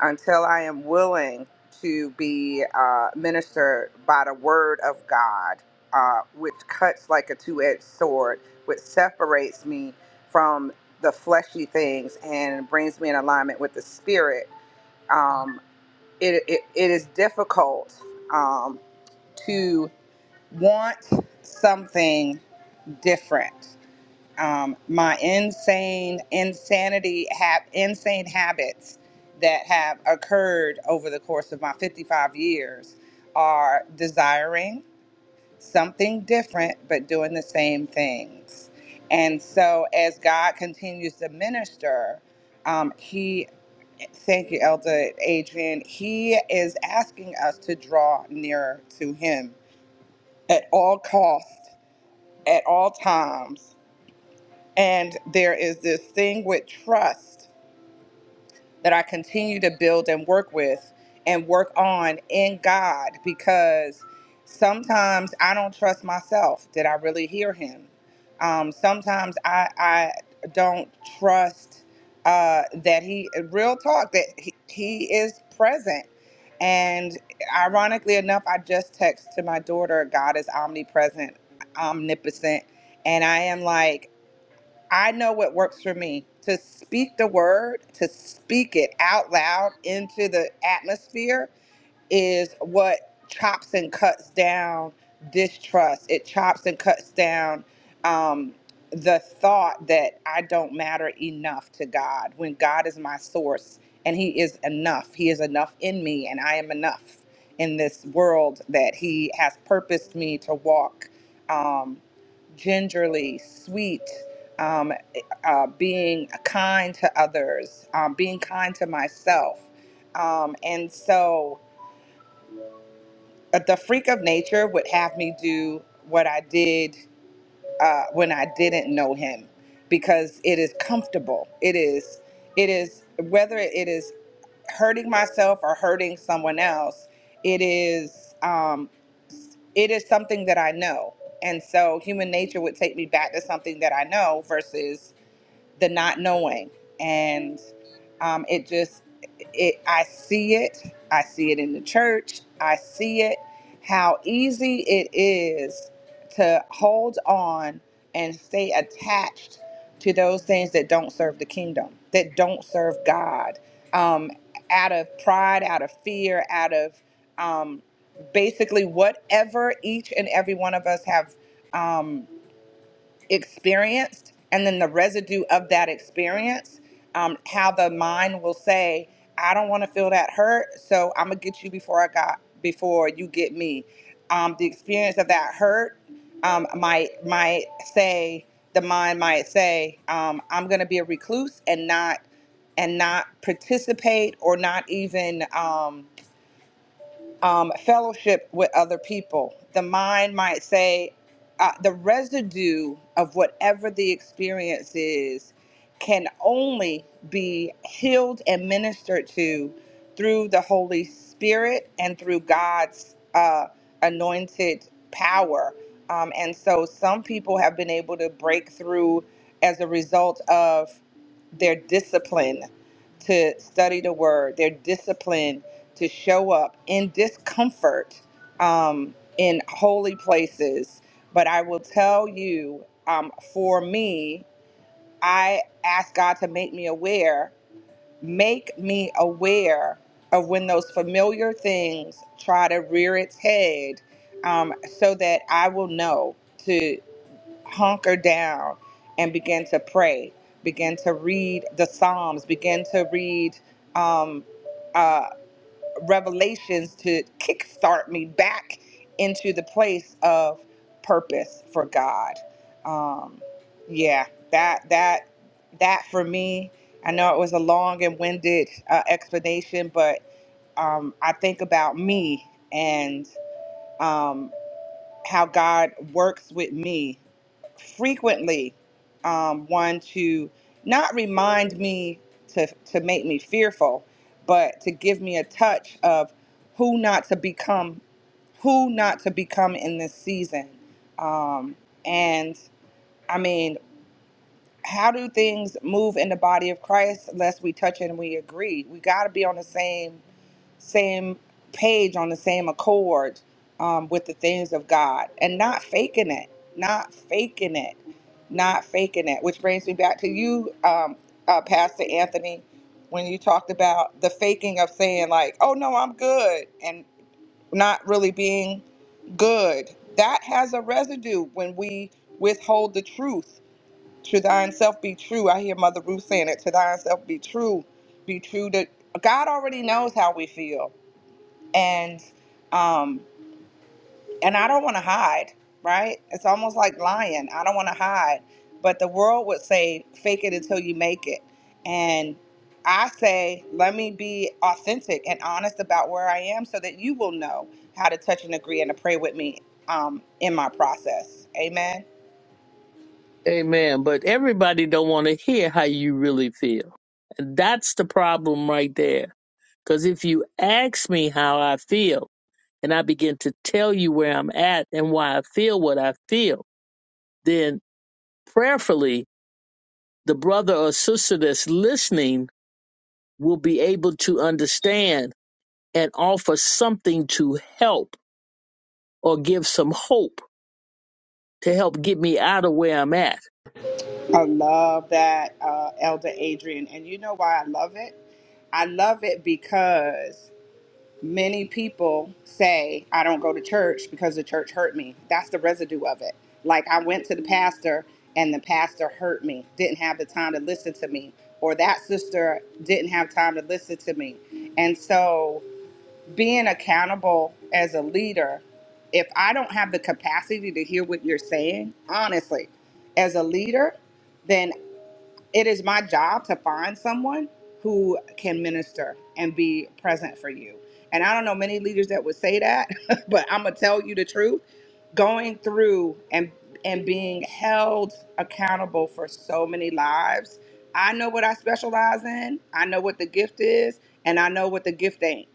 Speaker 2: Until I am willing to be uh, ministered by the word of God, uh, which cuts like a two edged sword, which separates me from the fleshy things and brings me in alignment with the spirit, um, it, it, it is difficult um, to want something different um, my insane insanity have insane habits that have occurred over the course of my 55 years are desiring something different but doing the same things and so as god continues to minister um, he thank you elder adrian he is asking us to draw nearer to him at all costs at all times and there is this thing with trust that I continue to build and work with and work on in God because sometimes I don't trust myself. Did I really hear him? Um, sometimes I, I don't trust uh, that he, real talk, that he, he is present. And ironically enough, I just text to my daughter, God is omnipresent, omnipotent. And I am like, I know what works for me to speak the word, to speak it out loud into the atmosphere is what chops and cuts down distrust. It chops and cuts down um, the thought that I don't matter enough to God when God is my source and He is enough. He is enough in me, and I am enough in this world that He has purposed me to walk um, gingerly, sweet. Um, eh, uh, being kind to others, um, being kind to myself. Um, and so, uh, the freak of nature would have me do what I did uh, when I didn't know him because it is comfortable. It is, it is, whether it is hurting myself or hurting someone else, it is, um, it is something that I know. And so human nature would take me back to something that I know versus the not knowing and um, it just it i see it i see it in the church i see it how easy it is to hold on and stay attached to those things that don't serve the kingdom that don't serve god um, out of pride out of fear out of um, basically whatever each and every one of us have um, experienced and then the residue of that experience um, how the mind will say i don't want to feel that hurt so i'm gonna get you before i got before you get me um, the experience of that hurt um, might might say the mind might say um, i'm gonna be a recluse and not and not participate or not even um, um, fellowship with other people. The mind might say, uh, the residue of whatever the experience is can only be healed and ministered to through the Holy Spirit and through God's uh, anointed power. Um, and so some people have been able to break through as a result of their discipline to study the word, their discipline to show up in discomfort um, in holy places. But I will tell you, um, for me, I ask God to make me aware, make me aware of when those familiar things try to rear its head um, so that I will know to hunker down and begin to pray, begin to read the Psalms, begin to read. Um, uh, revelations to kickstart me back into the place of purpose for God. Um, yeah, that that that for me. I know it was a long and winded uh, explanation, but um, I think about me and. um, how God works with me frequently um, one to not remind me to, to make me fearful, but to give me a touch of who not to become, who not to become in this season. Um, and I mean, how do things move in the body of Christ unless we touch it and we agree? We got to be on the same same page, on the same accord um, with the things of God, and not faking it, not faking it, not faking it. Which brings me back to you, um, uh, Pastor Anthony, when you talked about the faking of saying like, "Oh no, I'm good," and not really being good. That has a residue when we withhold the truth to thine self be true. I hear Mother Ruth saying it. To thine self be true. Be true to God already knows how we feel. And um and I don't want to hide, right? It's almost like lying. I don't want to hide. But the world would say fake it until you make it. And I say, let me be authentic and honest about where I am so that you will know how to touch and agree and to pray with me um, in my process. Amen.
Speaker 3: Amen. But everybody don't want to hear how you really feel. And that's the problem right there Because if you ask me how I feel and I begin to tell you where I'm at and why I feel what I feel, then prayerfully, the brother or sister that's listening will be able to understand and offer something to help or give some hope to help get me out of where I'm at.
Speaker 2: I love that, uh, Elder Adrian. And you know why I love it? I love it because many people say, I don't go to church because the church hurt me. That's the residue of it. Like, I went to the pastor and the pastor hurt me, didn't have the time to listen to me, or that sister didn't have time to listen to me. And so, being accountable as a leader, if I don't have the capacity to hear what you're saying, honestly, as a leader, then it is my job to find someone who can minister and be present for you. And I don't know many leaders that would say that, but I'm gonna tell you the truth. Going through and and being held accountable for so many lives. I know what I specialize in. I know what the gift is, and I know what the gift ain't.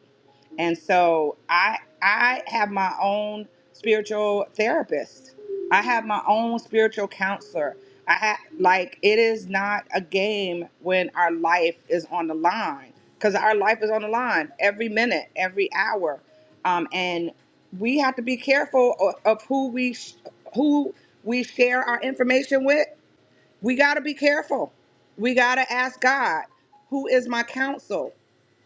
Speaker 2: And so I I have my own spiritual therapist. I have my own spiritual counselor. I have like it is not a game when our life is on the line because our life is on the line every minute, every hour, um, and we have to be careful of, of who we sh- who we share our information with. We got to be careful. We got to ask God, who is my counsel?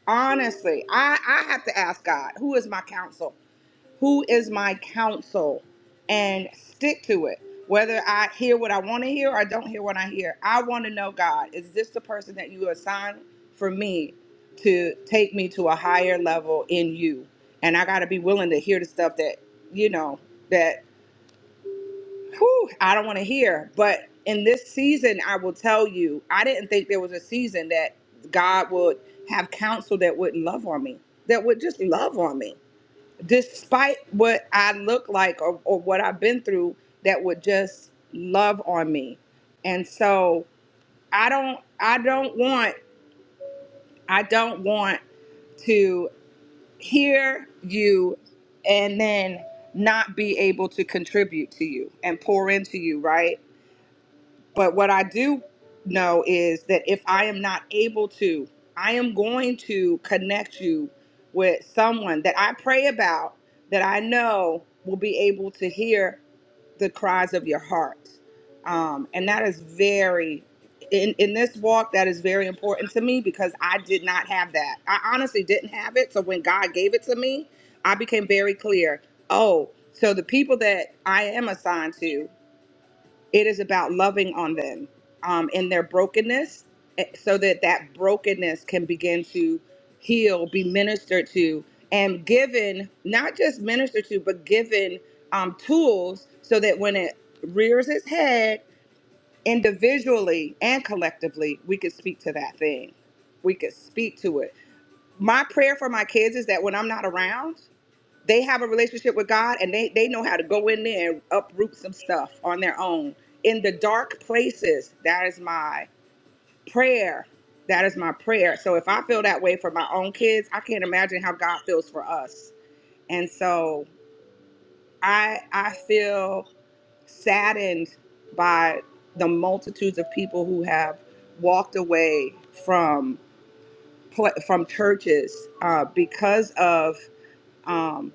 Speaker 2: honestly i i have to ask god who is my counsel who is my counsel and stick to it whether i hear what i want to hear or I don't hear what i hear i want to know god is this the person that you assigned for me to take me to a higher level in you and i got to be willing to hear the stuff that you know that. Whew, I don't want to hear. But in this season, I will tell you, I didn't think there was a season that God would have counsel that would love on me, that would just love on me, despite what I look like or, or what I've been through, that would just love on me. And so I don't, I don't want, I don't want to hear you and then not be able to contribute to you and pour into you, right? But what I do know is that if I am not able to, I am going to connect you with someone that I pray about that I know will be able to hear the cries of your heart. Um, and that is very, in, in this walk, that is very important to me because I did not have that. I honestly didn't have it. So when God gave it to me, I became very clear oh, so the people that I am assigned to it is about loving on them um, in their brokenness eh, so that that brokenness can begin to heal be ministered to and given not just ministered to but given um, tools so that when it rears its head individually and collectively we could speak to that thing we could speak to it my prayer for my kids is that when i'm not around they have a relationship with God and they they know how to go in there and uproot some stuff on their own in the dark places. That is my prayer. That is my prayer. So if I feel that way for my own kids, I can't imagine how God feels for us. And so I I feel saddened by the multitudes of people who have walked away from pla- from churches uh, because of um,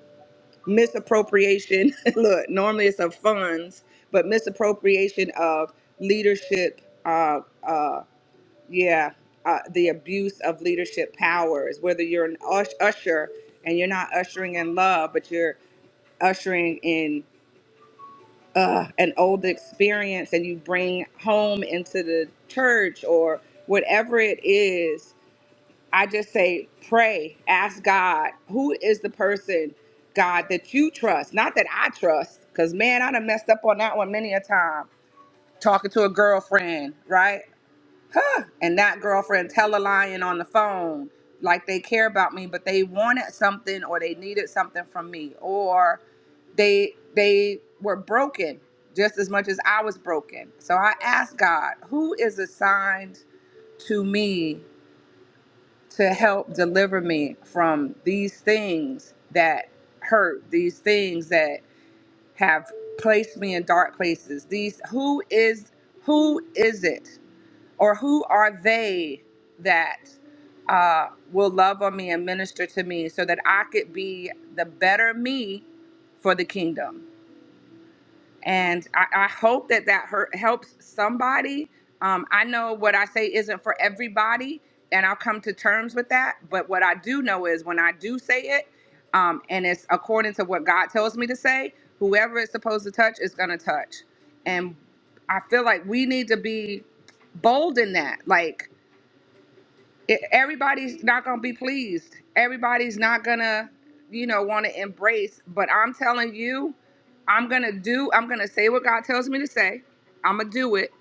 Speaker 2: misappropriation. Look, normally it's of funds, but misappropriation of leadership. Uh, uh, yeah, uh, the abuse of leadership powers. Whether you're an ush- usher and you're not ushering in love, but you're ushering in uh, an old experience, and you bring home into the church or whatever it is I just say pray, ask God, who is the person, God, that you trust? Not that I trust, because man, I done messed up on that one many a time. Talking to a girlfriend, right? Huh. And that girlfriend tell a lying on the phone, like they care about me, but they wanted something or they needed something from me. Or they they were broken just as much as I was broken. So I asked God, who is assigned to me to help deliver me from these things that hurt, these things that have placed me in dark places. These who is who is it or who are they that uh, will love on me and minister to me so that I could be the better me for the kingdom and I, I hope that that hurt, helps somebody. Um, I know what I say isn't for everybody, and I'll come to terms with that. But what I do know is when I do say it, um, and it's according to what God tells me to say, whoever it's supposed to touch is going to touch. And I feel like we need to be bold in that. Like, e- everybody's not gonna be pleased. Everybody's not gonna, you know, want to embrace. But I'm telling you, I'm gonna do. I'm gonna say what God tells me to say. I'm gonna do it,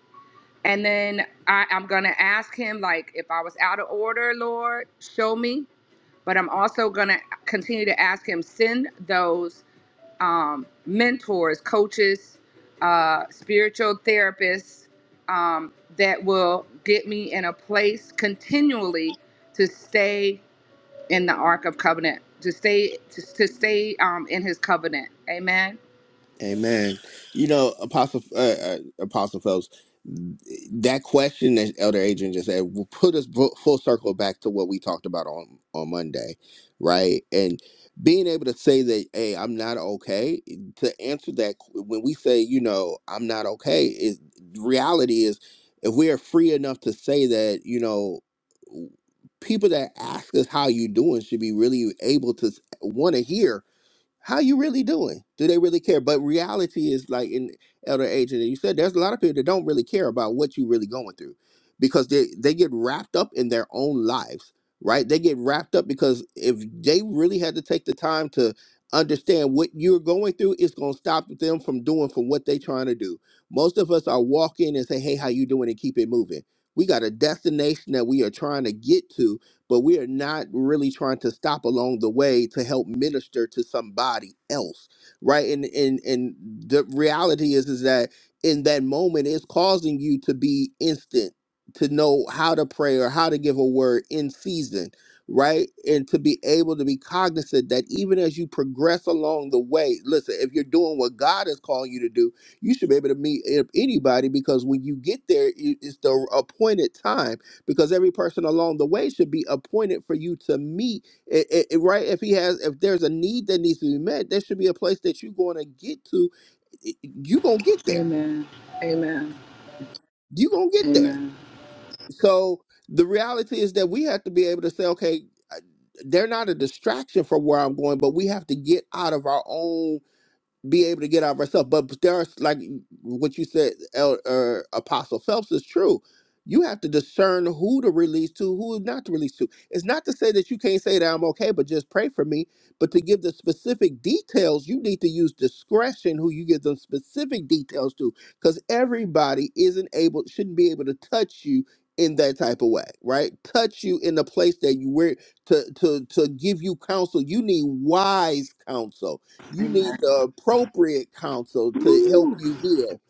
Speaker 2: and then I, I'm gonna ask Him, like, if I was out of order, Lord, show me. But I'm also gonna continue to ask Him, send those um, mentors, coaches, uh, spiritual therapists um, that will get me in a place continually to stay in the Ark of Covenant, to stay to, to stay um, in His covenant. Amen.
Speaker 1: Amen. You know, Apostle uh, uh, Apostle Phelps, that question that Elder Adrian just said will put us fu- full circle back to what we talked about on on Monday, right? And being able to say that, hey, I'm not okay. To answer that, when we say, you know, I'm not okay, is reality is if we are free enough to say that, you know. People that ask us how you doing should be really able to want to hear how you really doing? Do they really care? But reality is like in elder age, and you said there's a lot of people that don't really care about what you really going through because they they get wrapped up in their own lives, right? They get wrapped up because if they really had to take the time to understand what you're going through, it's gonna stop them from doing from what they trying to do. Most of us are walking and say, "Hey, how you doing?" and keep it moving. We got a destination that we are trying to get to, but we are not really trying to stop along the way to help minister to somebody else right and and and the reality is is that in that moment it's causing you to be instant to know how to pray or how to give a word in season right and to be able to be cognizant that even as you progress along the way listen if you're doing what god is calling you to do you should be able to meet a- anybody because when you get there it- it's the appointed time because every person along the way should be appointed for you to meet it, it- it- right if he has if there's a need that needs to be met there should be a place that you're going to get to I- I- you going to get there
Speaker 2: Amen. Amen.
Speaker 1: you going to get there
Speaker 2: Amen.
Speaker 1: so the reality is that we have to be able to say okay I- they're not a distraction from where i'm going but we have to get out of our own be able to get out of ourselves. But there are like what you said, El, uh, Apostle Phelps is true. You have to discern who to release to, who not to release to. It's not to say that you can't say that I'm okay, but just pray for me. But to give the specific details, you need to use discretion who you give them specific details to, because everybody isn't able, shouldn't be able to touch you in that type of way, right? Touch you in the place that you were to to to give you counsel. You need wise counsel you need
Speaker 2: Amen.
Speaker 1: the appropriate counsel to help
Speaker 2: Ooh,
Speaker 1: you heal.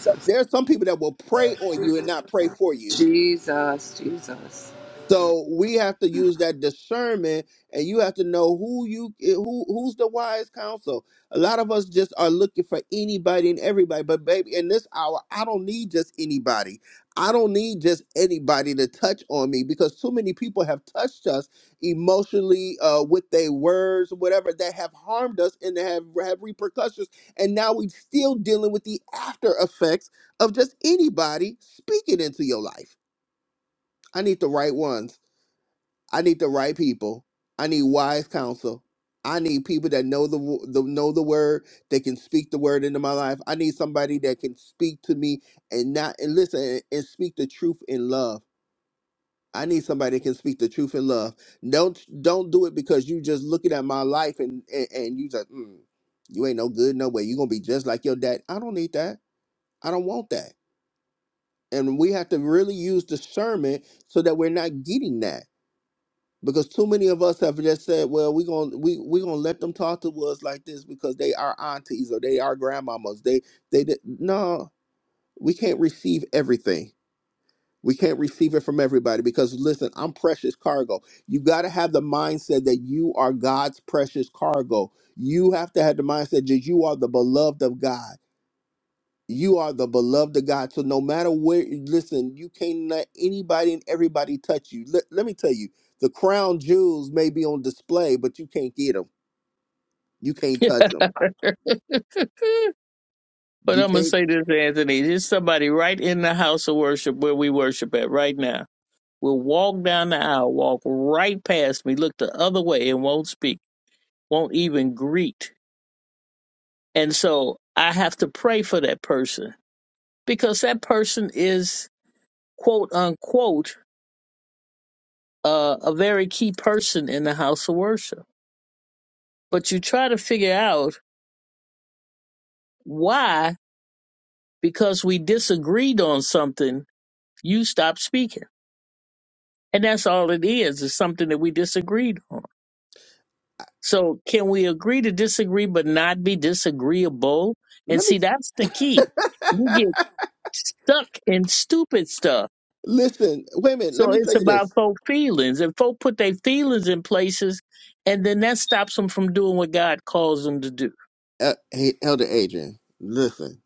Speaker 1: So, there are some people that will pray on you and not pray for you.
Speaker 2: Jesus. Jesus.
Speaker 1: So we have to use that discernment, and you have to know who you eh, who who's the wise counsel. A lot of us just are looking for anybody and everybody, but baby, in this hour, I don't need just anybody. I don't need just anybody to touch on me because too many people have touched us emotionally uh, with their words, or whatever that have harmed us and that have have repercussions, and now we're still dealing with the after effects of just anybody speaking into your life. I need the right ones. I need the right people. I need wise counsel. I need people that know the, wo- the know the word. They can speak the word into my life. I need somebody that can speak to me and not and listen and, and speak the truth in love. I need somebody that can speak the truth in love. Don't don't do it because you just looking at my life and and, and you just mm, you ain't no good no way. You gonna be just like your dad. I don't need that. I don't want that. And we have to really use discernment so that we're not getting that because too many of us have just said, "Well, we're gonna we we gonna let them talk to us like this because they are aunties or they are grandmamas." They they did no, we can't receive everything. We can't receive it from everybody because listen, I'm precious cargo. You got to have the mindset that you are God's precious cargo. You have to have the mindset that you are the beloved of God you are the beloved of God. So no matter where, listen, you can't let anybody and everybody touch you. Let, let me tell you, the crown jewels may be on display, but you can't get them. You can't touch them.
Speaker 3: but I'm
Speaker 1: You
Speaker 3: going to
Speaker 1: can't.
Speaker 3: say this, Anthony. There's somebody right in the house of worship where we worship at right now will walk down the aisle, walk right past me, look the other way, and won't speak, won't even greet. And so I have to pray for that person because that person is, quote unquote, uh, a very key person in the house of worship. But you try to figure out why, because we disagreed on something, you stop speaking. And that's all it is, is something that we disagreed on.
Speaker 1: I-
Speaker 3: So can we agree to disagree but not be disagreeable? And
Speaker 1: Let me
Speaker 3: see, that's the key. You get stuck in stupid stuff.
Speaker 1: listen. Wait a minute. Let
Speaker 3: So
Speaker 1: me
Speaker 3: it's
Speaker 1: tell you
Speaker 3: about
Speaker 1: this,
Speaker 3: folk feelings. If folk put their feelings in places, and then that stops them from doing what God calls them to do.
Speaker 1: uh, hey, Elder Adrian. Listen,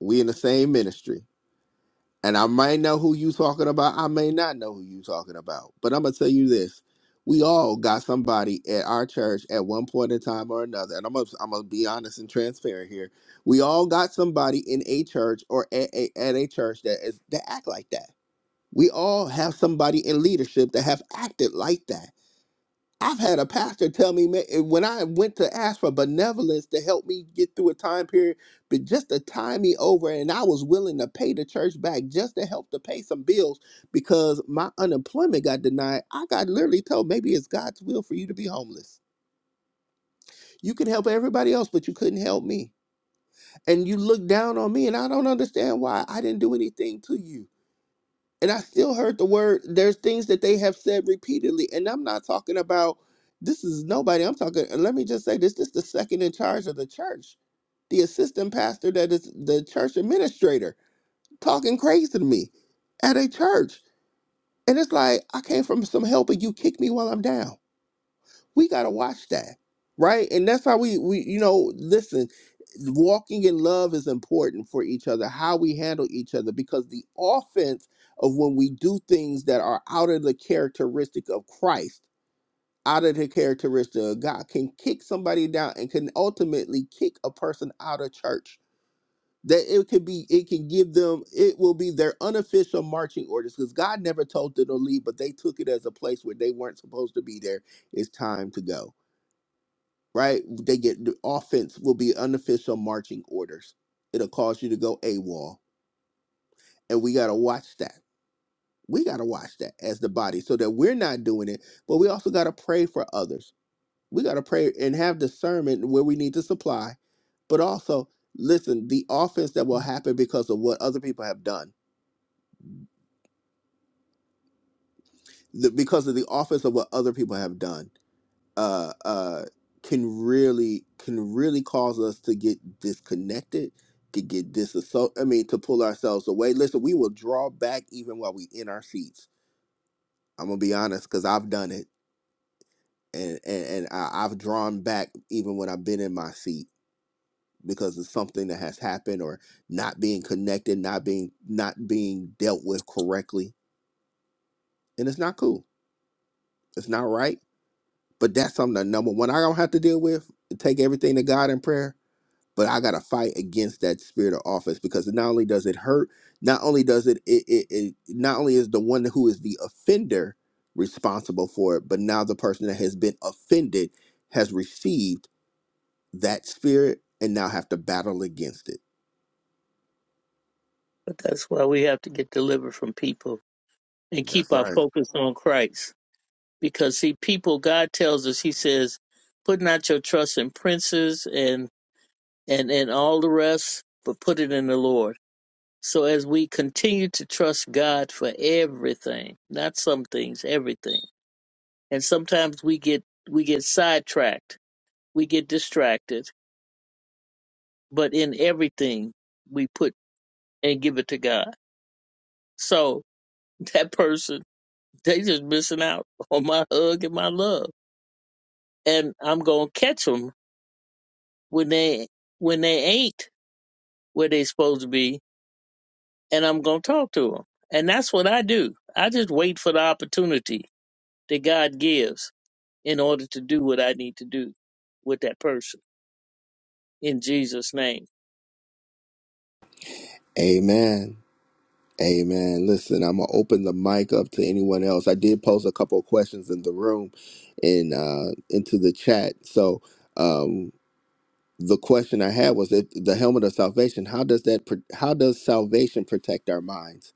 Speaker 1: we in the same ministry. And I might know who you talking about. I may not know who you talking about. But I'm gonna tell you this. We all got somebody at our church at one point in time or another. And I'm gonna, I'm gonna be honest and transparent here. We all got somebody in a church or at a, at a church that is that act like that. We all have somebody in leadership that have acted like that. I've had a pastor tell me ma- when I went to ask for benevolence to help me get through a time period, but just to tie me over, and I was willing to pay the church back just to help to pay some bills because my unemployment got denied. I got literally told maybe it's God's will for you to be homeless. You can help everybody else, but you couldn't help me. And you look down on me, and I don't understand why I didn't do anything to you. And I still heard the word, there's things that they have said repeatedly. And I'm not talking about this is nobody. I'm talking, and let me just say this this is the second in charge of the church, the assistant pastor that is the church administrator, talking crazy to me at a church. And it's like, I came from some help and you kick me while I'm down we got to watch that right and that's how we we you know listen walking in love is important for each other how we handle each other because the offense of when we do things that are out of the characteristic of christ out of the characteristic of god can kick somebody down and can ultimately kick a person out of church that it could be it can give them it will be their unofficial marching orders because god never told them to leave but they took it as a place where they weren't supposed to be there it's time to go right? They get the offense will be unofficial marching orders. It'll cause you to go AWOL. And we gotta watch that. We gotta watch that as the body so that we're not doing it, but we also gotta pray for others. We gotta pray and have discernment where we need to supply, but also listen, the offense that will happen because of what other people have done. The, because of the offense of what other people have done uh, uh, can really can really cause us to get disconnected, to get disassociated. I mean, to pull ourselves away. Listen, we will draw back even while we in our seats. I'm gonna be honest, because I've done it, and and, and I, I've drawn back even when I've been in my seat because of something that has happened or not being connected, not being not being dealt with correctly, and it's not cool. It's not right. But that's something that number one I don't have to deal with. Take everything to God in prayer but I gotta fight against that spirit of office because not only does it hurt, not only does it it, it it not only is the one who is the offender responsible for it, but now the person that has been offended has received that spirit and now have to battle against it.
Speaker 3: But that's why we have to get delivered from people and keep
Speaker 1: That's
Speaker 3: our
Speaker 1: right.
Speaker 3: focus on Christ. Because see, people, God tells us, He says, put not your trust in princes and and and all the rest, but put it in the Lord. So as we continue to trust God for everything, not some things, everything. And sometimes we get we get sidetracked, we get distracted, but in everything we put and give it to God. So that person, they just missing out on my hug and my love. And I'm gonna catch them when they when they ain't where they supposed to be, and I'm gonna talk to them. And that's what I do. I just wait for the opportunity that God gives in order to do what I need to do with that person in Jesus' name.
Speaker 1: Amen. Amen. Listen, I'm gonna open the mic up to anyone else. I did pose a couple of questions in the room and uh into the chat. So um, the question I had was that the helmet of salvation. How does that? pr- How does salvation protect our minds?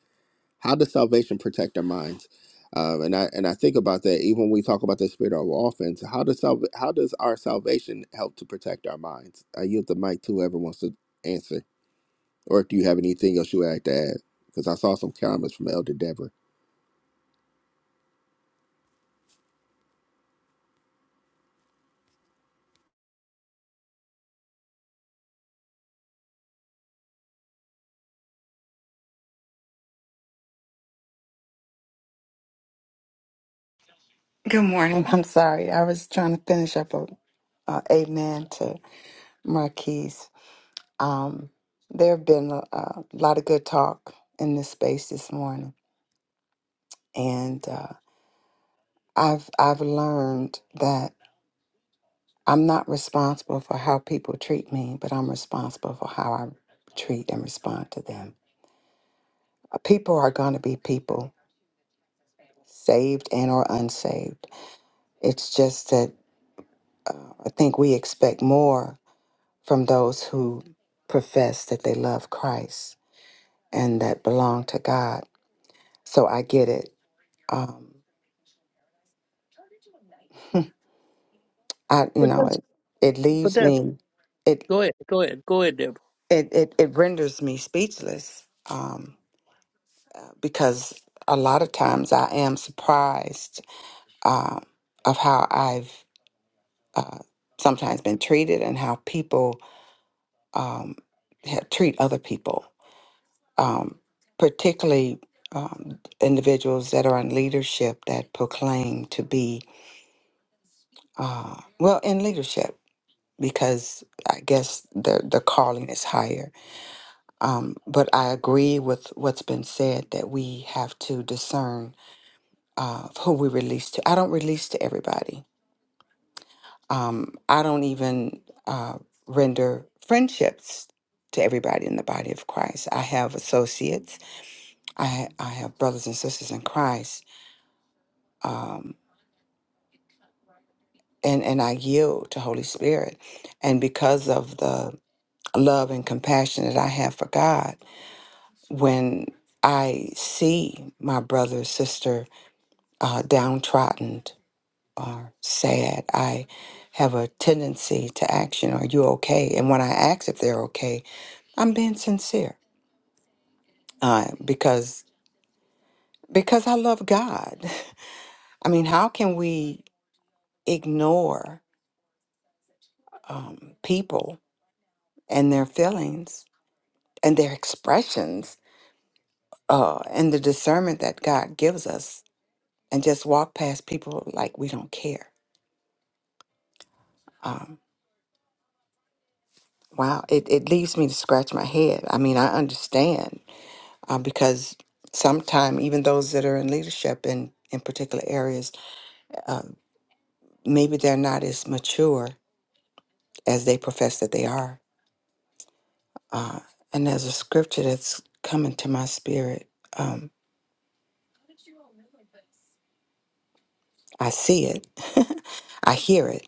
Speaker 1: How does salvation protect our minds? Um, and I and I think about that even when we talk about the spirit of offense. How does salv- How does our salvation help to protect our minds? I yield the mic to whoever wants to answer, or if you have anything else you would like to add, because I saw some comments from Elder Deborah.
Speaker 5: Good morning. And I'm sorry. I was trying to finish up a, a amen to Marquise. Um, there have been a, a lot of good talk in this space this morning, and uh, I've I've learned that I'm not responsible for how people treat me, but I'm responsible for how I treat and respond to them. Uh, People are going to be people, saved and or unsaved. It's just that uh, I think we expect more from those who profess that they love Christ and that belong to God. So I get it. Um, I you
Speaker 3: But
Speaker 5: know
Speaker 3: that's
Speaker 5: it it
Speaker 3: but
Speaker 5: leaves
Speaker 3: that's
Speaker 5: me it
Speaker 3: go ahead, go ahead, go ahead, Deborah.
Speaker 5: it it, it renders me speechless um, because a lot of times I am surprised um of how I've uh, sometimes been treated and how people um, ha- treat other people um, particularly um, individuals that are in leadership that proclaim to be uh, well in leadership because I guess the the calling is higher. Um, but I agree with what's been said that we have to discern uh, who we release to. I don't release to everybody. Um, I don't even uh, render friendships to everybody in the body of Christ. I have associates. I I have brothers and sisters in Christ um, and and I yield to Holy Spirit. And because of the love and compassion that I have for God, when I see my brother, sister uh, downtrodden or sad, I have a tendency to action. Are you okay? And when I ask if they're okay, I'm being sincere uh, because because I love God. I mean, how can we ignore um, people and their feelings and their expressions uh, and the discernment that God gives us and just walk past people like we don't care. Um, wow, it, it leaves me to scratch my head. I mean, I understand uh, because sometimes even those that are in leadership in, in particular areas, uh, maybe they're not as mature as they profess that they are. Uh, and there's a scripture that's coming to my spirit. Um, I see it, I hear it.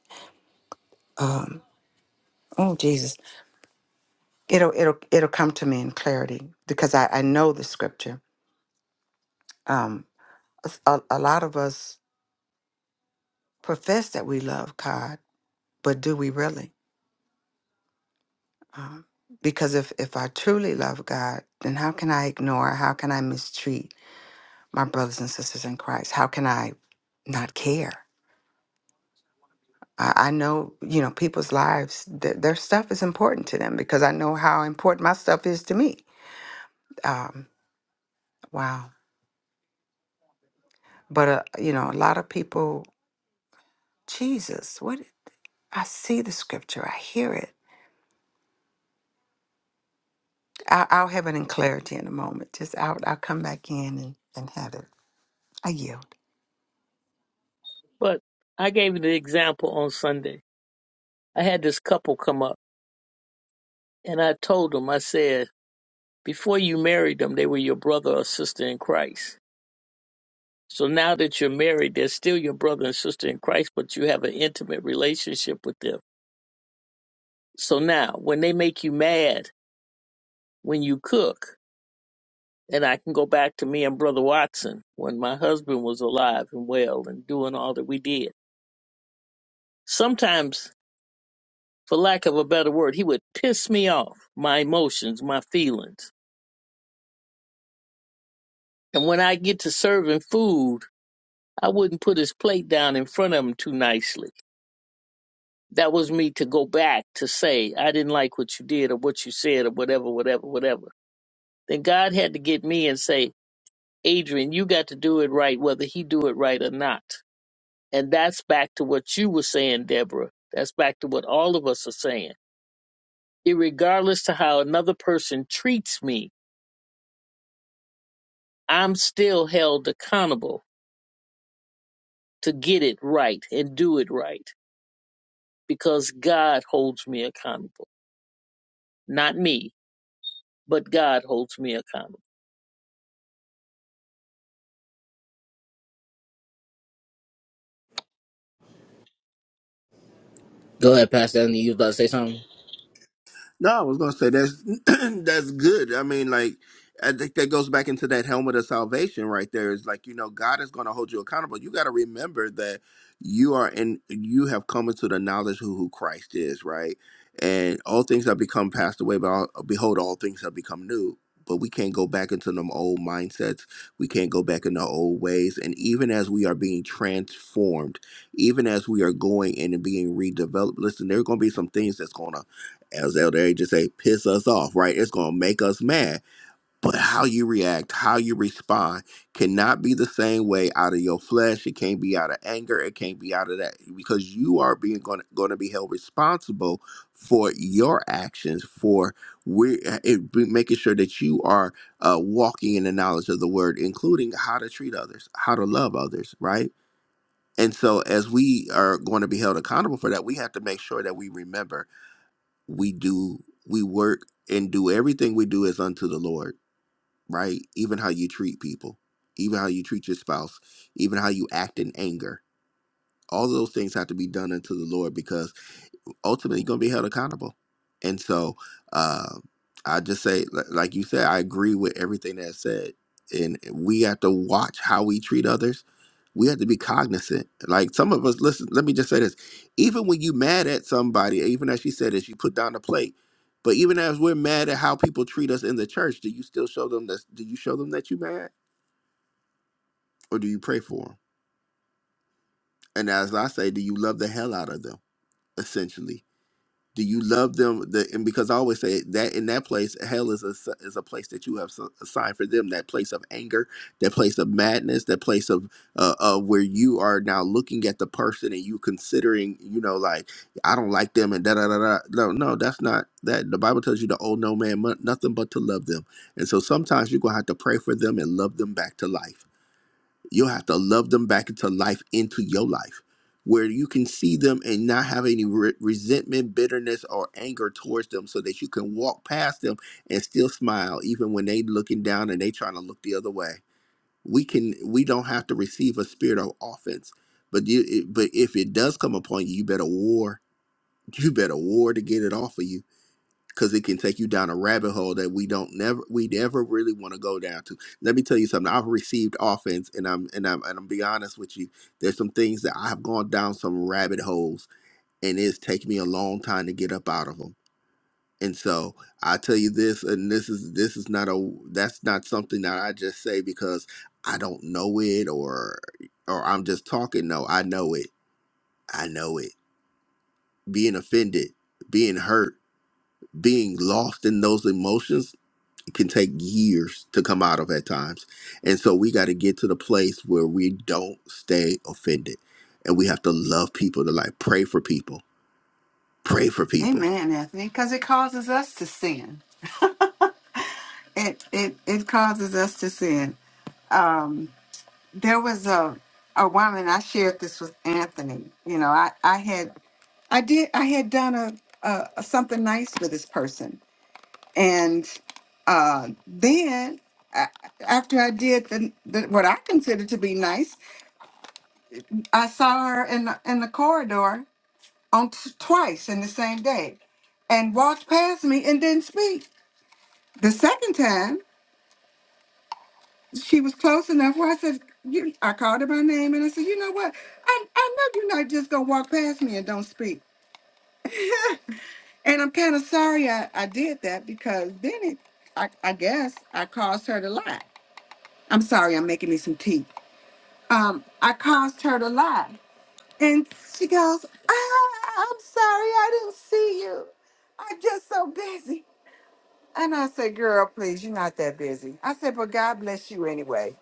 Speaker 5: Um, oh, Jesus. it'll it'll it'll come to me in clarity because I, I know the scripture. Um, a, a lot of us profess that we love God, but do we really? Um, because if if I truly love God, then how can I ignore? How can I mistreat my brothers and sisters in Christ? How can I not care? I, I know you know people's lives. Their, their stuff is important to them because I know how important my stuff is to me. Um, wow. But uh, you know, a lot of people Jesus. What? I see the scripture, I hear it. I'll, I'll have it in clarity in a moment. Just I'll, I'll come back in and, and have it. I yield.
Speaker 3: But I gave you the example on Sunday. I had this couple come up and I told them, I said, before you married them, they were your brother or sister in Christ. So now that you're married, they're still your brother and sister in Christ, but you have an intimate relationship with them. So now when they make you mad when you cook, And I can go back to me and Brother Watson when my husband was alive and well and doing all that we did. Sometimes, for lack of a better word, he would piss me off, my emotions, my feelings. And when I get to serving food, I wouldn't put his plate down in front of him too nicely. That was me to go back to say, I didn't like what you did or what you said or whatever, whatever, whatever. Then God had to get me and say, Adrian, you got to do it right, whether he do it right or not And that's back to what you were saying, Deborah. That's back to what all of us are saying. Irregardless to how another person treats me, I'm still held accountable to get it right and do it right because God holds me accountable. Not me, but God holds me accountable.
Speaker 6: Go ahead, Pastor Anthony. You was about to say something?
Speaker 1: No, I was gonna say that's that's good. I mean, like I think that goes back into that helmet of salvation right there. Is like you know God is gonna hold you accountable. You got to remember that you are in. You have come into the knowledge who who Christ is, right? And all things have become passed away, but all, behold, all things have become new. But we can't go back into them old mindsets. We can't go back into old ways. And even as we are being transformed, even as we are going in and being redeveloped, listen, there are going to be some things that's going to as Elder A just say, piss us off, right? It's gonna make us mad. But how you react, how you respond, cannot be the same way out of your flesh. It can't be out of anger. It can't be out of that because you are being going to gonna be held responsible for your actions, for we it, be- making sure that you are uh, walking in the knowledge of the word, including how to treat others, how to love others, right? And so, as we are going to be held accountable for that, we have to make sure that we remember we do we work and do everything we do is unto the lord right even how you treat people even how you treat your spouse even how you act in anger all of those things have to be done unto the lord because ultimately going to be held accountable. And so uh, I just say, li- like you said, I agree with everything that's said. And we have to watch how we treat others. We have to be cognizant. Like some of us, listen, let me just say this. Even when you mad at somebody, even as she said this, you put down the plate. But even as we're mad at how people treat us in the church, do you still show them that do you show them that you mad? Or do you pray for them? And as I say, do you love the hell out of them, essentially? Do you love them? The and because I always say that in that place, hell is a s- is a place that you have s- assigned for them. That place of anger, that place of madness, that place of uh, uh where you are now looking at the person and you considering, you know, like I don't like them and da da da da. No, no, that's not that. The Bible tells you to owe no man mo- nothing but to love them. And so sometimes you're gonna have to pray for them and love them back to life You'll have to love them back into life, into your life, where you can see them and not have any re- resentment, bitterness, or anger towards them, so that you can walk past them and still smile, even when they looking down and they trying to look the other way. We can, we don't have to receive a spirit of offense, but you, it- but if it does come upon you, you better war. You better war to get it off of you because it can take you down a rabbit hole that we don't never we never really want to go down to. Let me tell you something. I've received offense, and I'm and I'm and I'm be honest with you. There's some things that I have gone down some rabbit holes, and it's taken me a long time to get up out of them. And so I tell you this, and this is this is not a that's not something that I just say because I don't know it or or I'm just talking. No, I know it. I know it. Being offended, being hurt, being lost in those emotions can take years to come out of at times. And so we got to get to the place where we don't stay offended. And we have to love people to like pray for people, pray for people.
Speaker 5: Amen, Anthony, because it causes us to sin. it, it it causes us to sin. Um, there was a a woman I shared this with Anthony. You know, I I had I did I had done a, a, a something nice for this person, and uh, then a- after I did the, the what I considered to be nice, I saw her in the, in the corridor on t- twice in the same day, and walked past me and didn't speak. The second time, she was close enough where I said, you, I called her by name and I said, you know what? I, I know you're not just gonna walk past me and don't speak. and I'm kind of sorry I, I did that because then it, I, I guess I caused her to lie. I'm sorry, I'm making me some tea. Um, I caused her to lie And she goes, ah, I'm sorry, I didn't see you. I'm just so busy. And I said, girl, please, you're not that busy. I said, but God bless you anyway.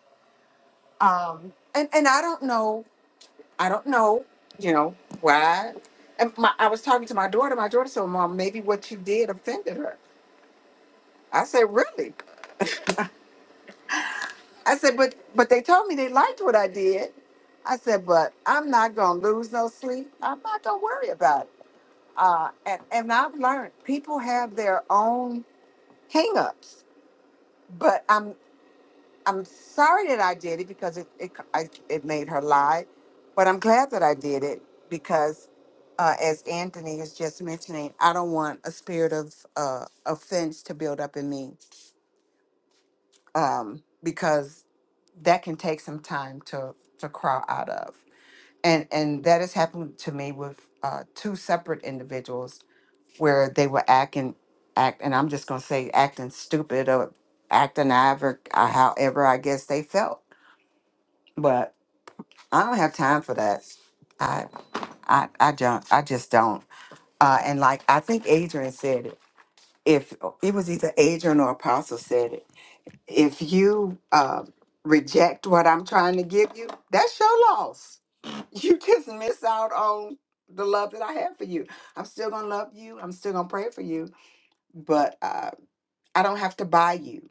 Speaker 5: Um, and, and I don't know, I don't know, you know, why. And my, I was talking to my daughter. My daughter said, Mom, maybe what you did offended her. I said, really? I said, but but they told me they liked what I did. I said, but I'm not gonna lose no sleep. I'm not gonna worry about it. Uh, and, and I've learned people have their own hangups, but I'm I'm sorry that I did it because it it, I, it made her lie, but I'm glad that I did it because, uh, as Anthony is just mentioning, I don't want a spirit of uh, offense to build up in me, um, because that can take some time to to crawl out of, and and that has happened to me with uh, two separate individuals where they were acting act and I'm just gonna say acting stupid or acting however uh, however I guess they felt. But I don't have time for that. I I I don't I just don't. Uh and like I think Adrian said it. If it was either Adrian or Apostle said it. If you uh reject what I'm trying to give you, that's your loss. You just miss out on the love that I have for you. I'm still gonna love you. I'm still gonna pray for you. But uh I don't have to buy you.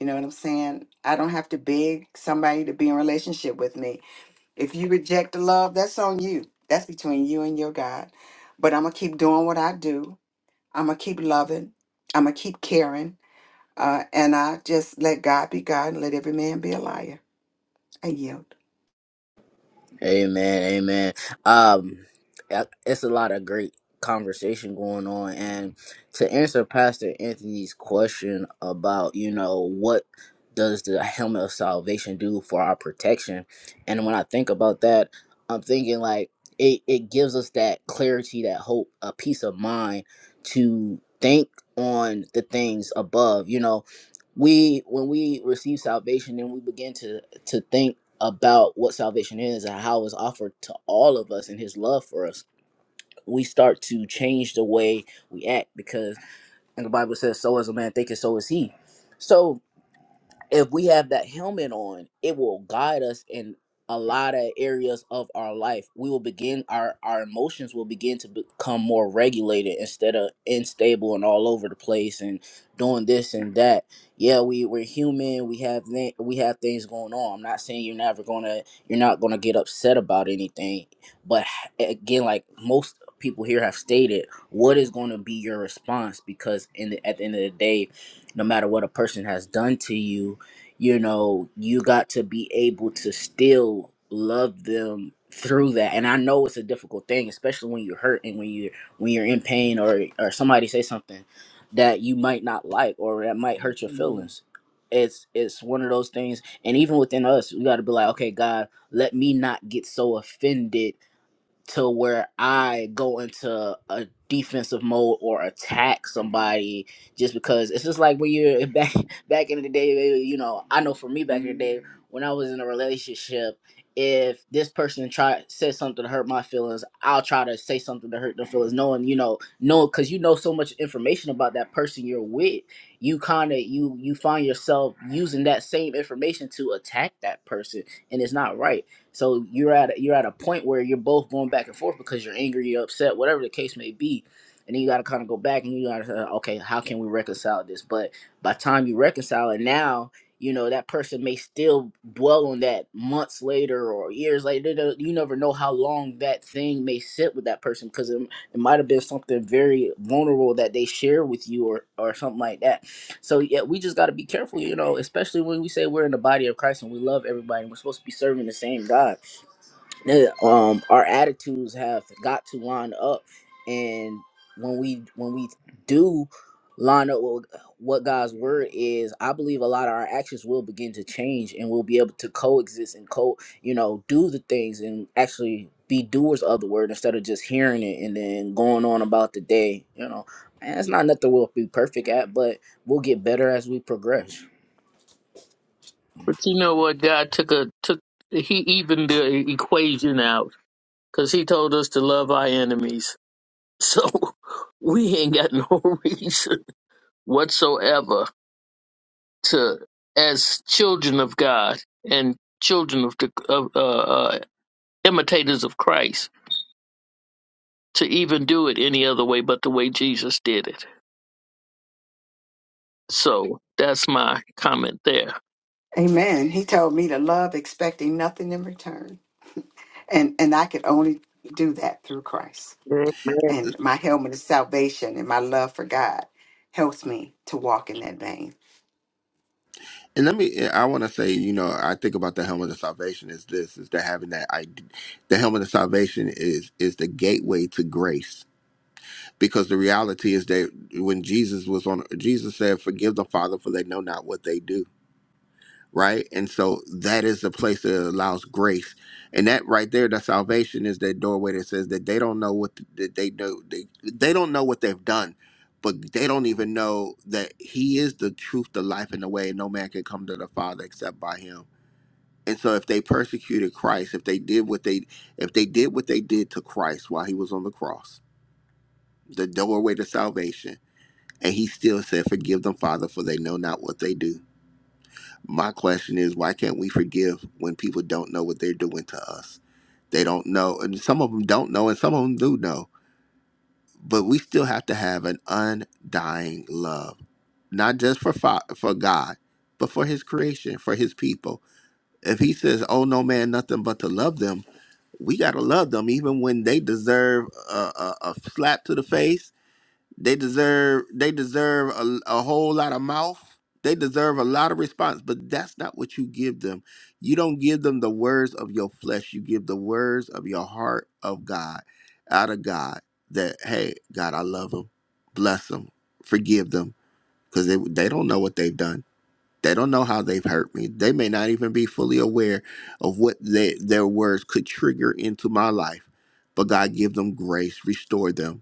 Speaker 5: You know what I'm saying? I don't have to beg somebody to be in relationship with me. If you reject the love, that's on you. That's between you and your God. But I'm gonna keep doing what I do. I'm gonna keep loving. I'm gonna keep caring. Uh, and I just let God be God and let every man be a liar. I yield.
Speaker 6: Amen. Amen. Um, I- it's a lot of great conversation going on, and to answer Pastor Anthony's question about you know what does the helmet of salvation do for our protection, and when I think about that, I'm thinking like it it gives us that clarity, that hope, a peace of mind to think on the things above. You know, we when we receive salvation, then we begin to to think about what salvation is and how it's offered to all of us and his love for us, we start to change the way we act because and the Bible says, So as a man thinketh, so is he. So if we have that helmet on, it will guide us in a lot of areas of our life. We will begin our our emotions will begin to become more regulated instead of unstable and all over the place and doing this and that. Yeah, we we're human. We have thi- we have things going on. I'm not saying you're never gonna you're not gonna get upset about anything, but h- again, like most people here have stated, what is going to be your response? Because in the, at the end of the day, no matter what a person has done to you you know, you got to be able to still love them through that. And I know it's a difficult thing, especially when you're hurt and when you're when you're in pain or or somebody say something that you might not like or that might hurt your Mhm. feelings. It's it's one of those things, and even within us, we got to be like, okay, God, let me not get so offended to where I go into a defensive mode or attack somebody just because it's just like when you're back back in the day, you know, I know for me back in the day when I was in a relationship, if this person try said something to hurt my feelings, I'll try to say something to hurt their feelings, knowing you know, knowing because you know so much information about that person you're with, you kind of you you find yourself using that same information to attack that person, and it's not right so you're at a, you're at a point where you're both going back and forth because you're angry, you're upset, whatever the case may be, and then you got to kind of go back and you got to okay, how can we reconcile this? But by the time you reconcile it now, you know that person may still dwell on that months later or years later. They don't- You never know how long that thing may sit with that person because it, it might have been something very vulnerable that they share with you or or something like that so yeah, we just got to be careful, you know, especially when we say we're in the body of Christ and we love everybody and we're supposed to be serving the same God um our attitudes have got to line up and when we when we do line up with what god's word is i believe a lot of our actions will begin to change and we'll be able to coexist and co you know do the things and actually be doers of the word instead of just hearing it and then going on about the day you know and it's not nothing we'll be perfect at but we'll get better as we progress
Speaker 3: But you know what? God took a took he evened the equation out because he told us to love our enemies. So we ain't got no reason whatsoever to as children of God and children of the of, uh, uh, imitators of Christ to even do it any other way but the way Jesus did it. So that's my comment there.
Speaker 5: Amen. He told me to love, expecting nothing in return, and and I could only do that through Christ.
Speaker 3: Amen.
Speaker 5: and my helmet is salvation and my love for God helps me to walk in that vein.
Speaker 1: And let me, eh, I want to say, you know, I think about the helmet of salvation is this, is that having that, I, the helmet of salvation is, is the gateway to grace. Because the reality is that when Jesus was on, Jesus said, forgive the Father for they know not what they do right? And so that is the place that allows grace, and that right there, that salvation is that doorway that says that they don't know what th- that they know they they don't know what they've done, but they don't even know that He is the truth, the life, and the way, and no man can come to the Father except by Him. And so, if they persecuted Christ, if they did what they if they did what they did to Christ while He was on the cross, the doorway to salvation, and He still said, "Forgive them, Father, for they know not what they do." My question is, why can't we forgive when people don't know what they're doing to us? They don't know, and some of them don't know, and some of them do know. But we still have to have an undying love, not just for fa- for God, but for His creation, for His people. If He says, "Oh no, man, nothing but to love them," we gotta love them, even when they deserve a, a, a slap to the face they deserve they deserve a, a whole lot of mouth. They deserve a lot of response, but that's not what you give them. You don't give them the words of your flesh. You give the words of your heart of God, out of God. That hey, God, I love them, bless them, forgive them, because they they don't know what they've done. They don't know how they've hurt me. They may not even be fully aware of what they, their words could trigger into my life. But God, give them grace, restore them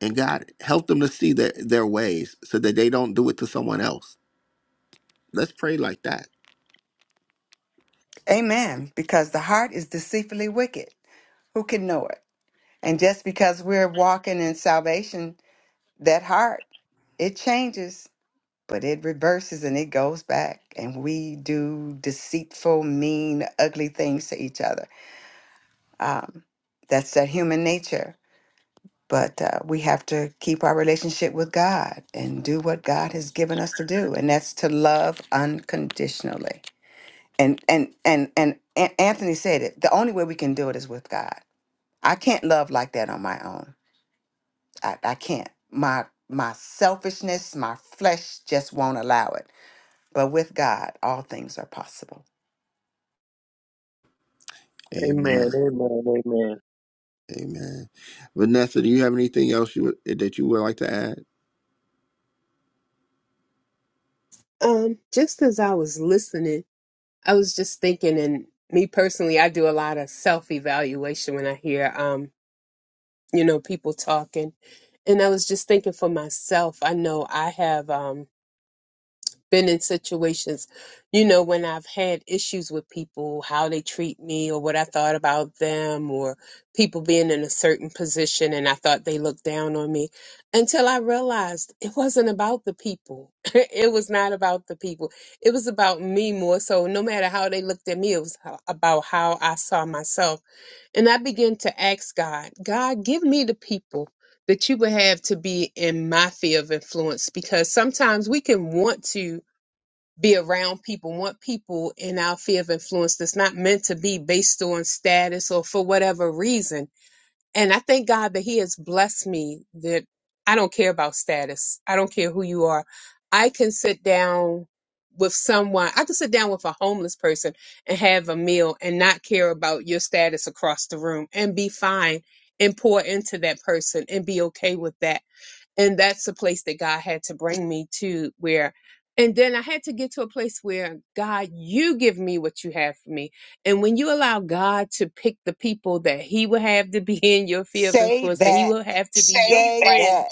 Speaker 1: and God, help them to see their, their ways so that they don't do it to someone else. Let's pray like that.
Speaker 5: Amen. Because the heart is deceitfully wicked. Who can know it? And just because we're walking in salvation, that heart, it changes, but it reverses and it goes back. And we do deceitful, mean, ugly things to each other. Um, that's that human nature. But uh, we have to keep our relationship with God and do what God has given us to do, and that's to love unconditionally. And and and and, An- Anthony said it. The only way we can do it is with God. I can't love like that on my own. I, I can't. My my selfishness, my flesh just won't allow it. But with God, all things are possible.
Speaker 3: Amen.
Speaker 1: Amen.
Speaker 3: Amen. Amen.
Speaker 1: Amen. Vanessa, do you have anything else you would, eh, that you would like to add?
Speaker 4: Um, just as I was listening, I was just thinking, and me personally, I do a lot of self evaluation when I hear, um, you know, people talking. And I was just thinking for myself, I know I have, um, been in situations, you know, when I've had issues with people, how they treat me or what I thought about them or people being in a certain position and I thought they looked down on me until I realized it wasn't about the people. it was not about the people. It was about me more so. No matter how they looked at me, it was ho- about how I saw myself. And I began to ask God, God, give me the people that you would have to be in my sphere of influence because sometimes we can want to be around people, want people in our sphere of influence that's not meant to be based on status or for whatever reason. And I thank God that He has blessed me that I don't care about status. I don't care who you are. I can sit down with someone, I can sit down with a homeless person and have a meal and not care about your status across the room and be fine and pour into that person and be okay with that and that's the place that God had to bring me to where and then I had to get to a place where God, you give me what you have for me. And when you allow God to pick the people that He will have to be in your field of
Speaker 5: Say
Speaker 4: influence, that He
Speaker 5: that.
Speaker 4: will have to be your Say that.
Speaker 5: Say
Speaker 4: friend,
Speaker 5: that.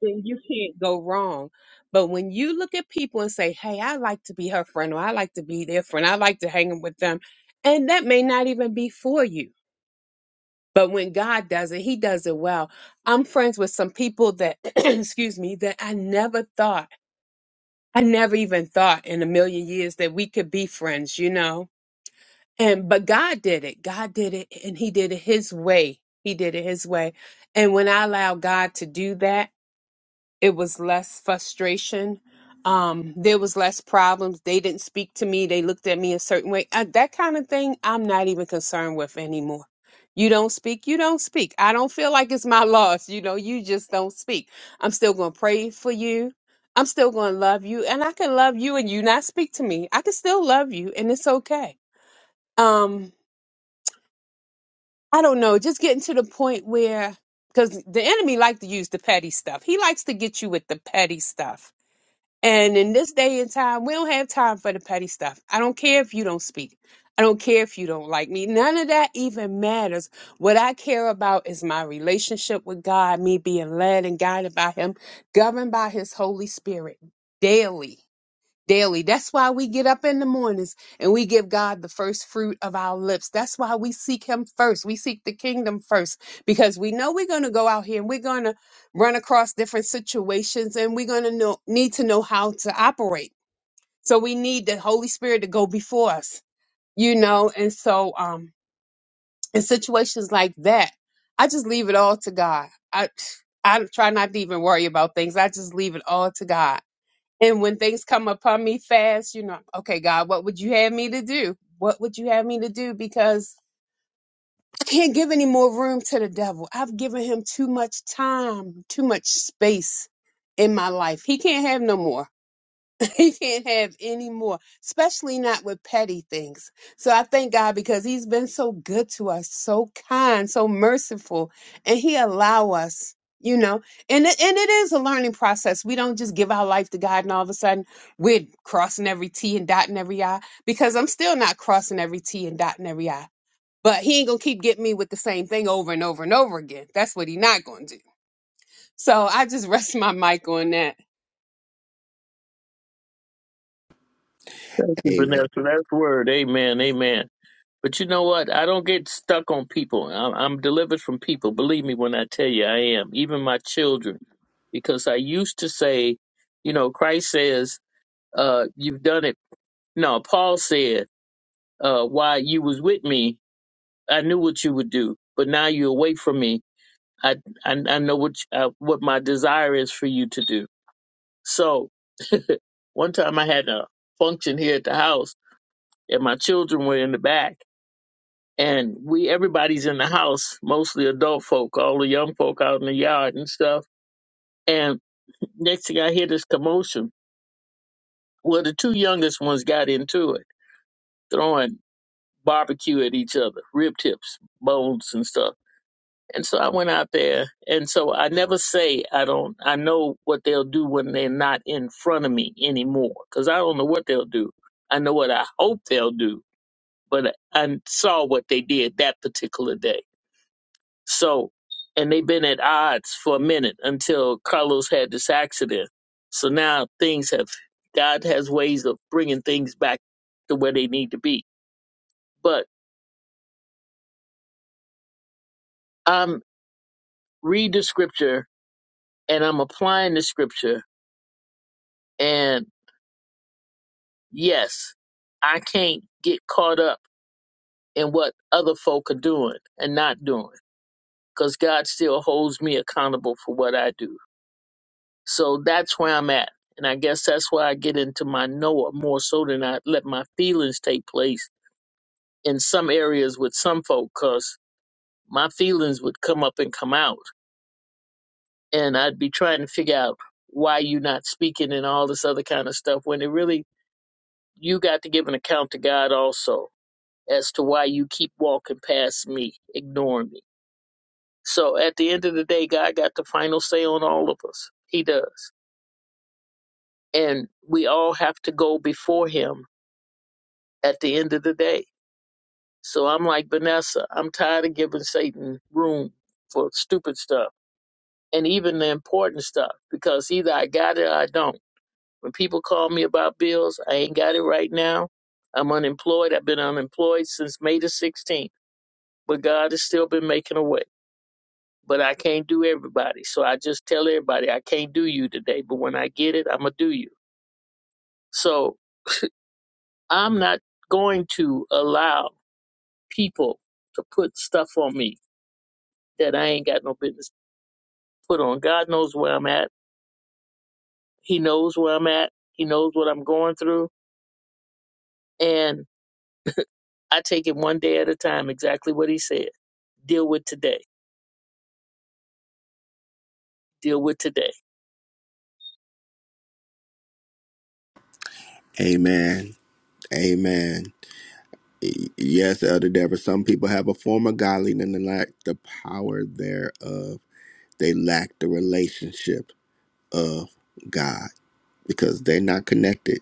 Speaker 4: then you can't go wrong. But when you look at people and say, hey, I like to be her friend, or I like to be their friend, I like to hang with them, and that may not even be for you but when God does it, He does it well. I'm friends with some people that, excuse me, that I never thought, I never even thought in a million years that we could be friends, you know? And, but God did it. God did it and He did it His way. He did it His way. And when I allow God to do that, it was less frustration. Um, there was less problems. They didn't speak to me. They looked at me a certain way. Uh, that kind of thing, I'm not even concerned with anymore. You don't speak, you don't speak. I don't feel like it's my loss. You know, you just don't speak. I'm still going to pray for you. I'm still going to love you. And I can love you and you not speak to me. I can still love you and it's okay. Um, I don't know. Just getting to the point where, because the enemy like to use the petty stuff. He likes to get you with the petty stuff and in this day and time, we don't have time for the petty stuff. I don't care if you don't speak. I don't care if you don't like me. None of that even matters. What I care about is my relationship with God, me being led and guided by Him, governed by His Holy Spirit daily daily. That's why we get up in the mornings and we give God the first fruit of our lips. That's why we seek Him first. We seek the kingdom first because we know we're going to go out here and we're going to run across different situations and we're going to know, need to know how to operate. So we need the Holy Spirit to go before us, you know? And so, um, in situations like that, I just leave it all to God. I, I try not to even worry about things. I just leave it all to God and when things come upon me fast, you know, okay, God, what would you have me to do? What would you have me to do? Because I can't give any more room to the devil. I've given him too much time, too much space in my life. He can't have no more. He can't have any more, especially not with petty things. So I thank God because He's been so good to us, so kind, so merciful, and He allow us, you know. And it, and it is a learning process. We don't just give our life to God and all of a sudden we're crossing every T and dotting every I. Because I'm still not crossing every T and dotting every I. But He ain't gonna keep getting me with the same thing over and over and over again. That's what He not gonna do. So I just rest my mic on that.
Speaker 3: Thank you,
Speaker 1: Amen.
Speaker 3: Vanessa. That's word. Amen. Amen. But you know what? I don't get stuck on people. I'm, I'm delivered from people. Believe me when I tell you, I am. Even my children because I used to say, you know, Christ says, uh, "You've done it." No, Paul said, uh, while you was with me, I knew what you would do, but now you're away from me. I, I, I know what, you- uh, what my desire is for you to do. So one time I had a function here at the house and my children were in the back and we, everybody's in the house, mostly adult folk, all the young folk out in the yard and stuff. And next thing I hear this commotion. Well, the two youngest ones got into it, throwing barbecue at each other, rib tips, bones and stuff And so I went out there. And so I never say I don't, I know what they'll do when they're not in front of me anymore because I don't know what they'll do. I know what I hope they'll do, but I saw what they did that particular day. So, and they've been at odds for a minute until Carlos had this accident. So now things have, God has ways of bringing things back to where they need to be. But I'm read the scripture and I'm applying the scripture and. Yes, I can't get caught up in what other folk are doing and not doing because God still holds me accountable for what I do. So that's where I'm at. And I guess that's why I get into my Noah more so than I let my feelings take place in some areas with some folk because my feelings would come up and come out. And I'd be trying to figure out why you're not speaking and all this other kind of stuff when it really, you got to give an account to God also as to why you keep walking past me, ignoring me. So at the end of the day, God got the final say on all of us. He does. And we all have to go before him at the end of the day. So I'm like Vanessa, I'm tired of giving Satan room for stupid stuff and even the important stuff because either I got it or I don't. When people call me about bills, I ain't got it right now. I'm unemployed. I've been unemployed since May the 16th, but God has still been making a way. but I can't do everybody. So I just tell everybody I can't do you today, but when I get it, I'm gonna do you. So I'm not going to allow people to put stuff on me that I ain't got no business put on. God knows where I'm at. He knows where I'm at. He knows what I'm going through, and I take it one day at a time. Exactly what He said. Deal with today. Deal with today.
Speaker 1: Amen. Amen. Y- Yes, Elder Deborah, some people have a form of godliness and lack the power thereof. They lack the relationship of God because they're not connected.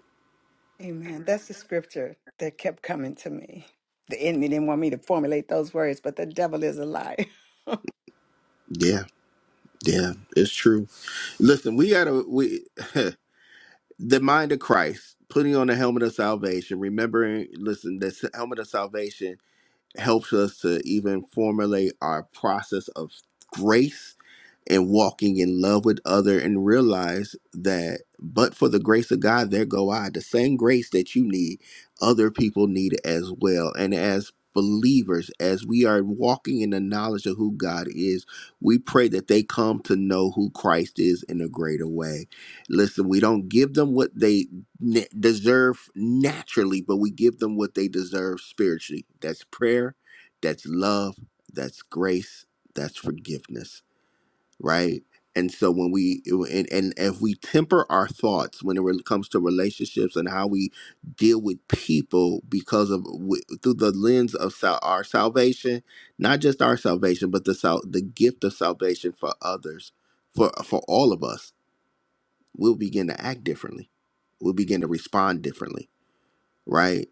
Speaker 5: Amen. That's the scripture that kept coming to me. The enemy didn't want me to formulate those words, but the devil is a liar.
Speaker 1: Yeah, yeah, it's true. Listen, we gotta we the mind of Christ, putting on the helmet of salvation, remembering, listen, this helmet of salvation helps us to even formulate our process of grace and walking in love with other and realize that but for the grace of God there go I the same grace that you need other people need as well and as believers as we are walking in the knowledge of who God is we pray that they come to know who Christ is in a greater way listen we don't give them what they ne- deserve naturally but we give them what they deserve spiritually that's prayer that's love that's grace that's forgiveness right? And so when we and, and if we temper our thoughts when it re- comes to relationships and how we deal with people because of w- through the lens of sal- our salvation, not just our salvation, but the sal- the gift of salvation for others, for for all of us, we'll begin to act differently. We'll begin to respond differently, right?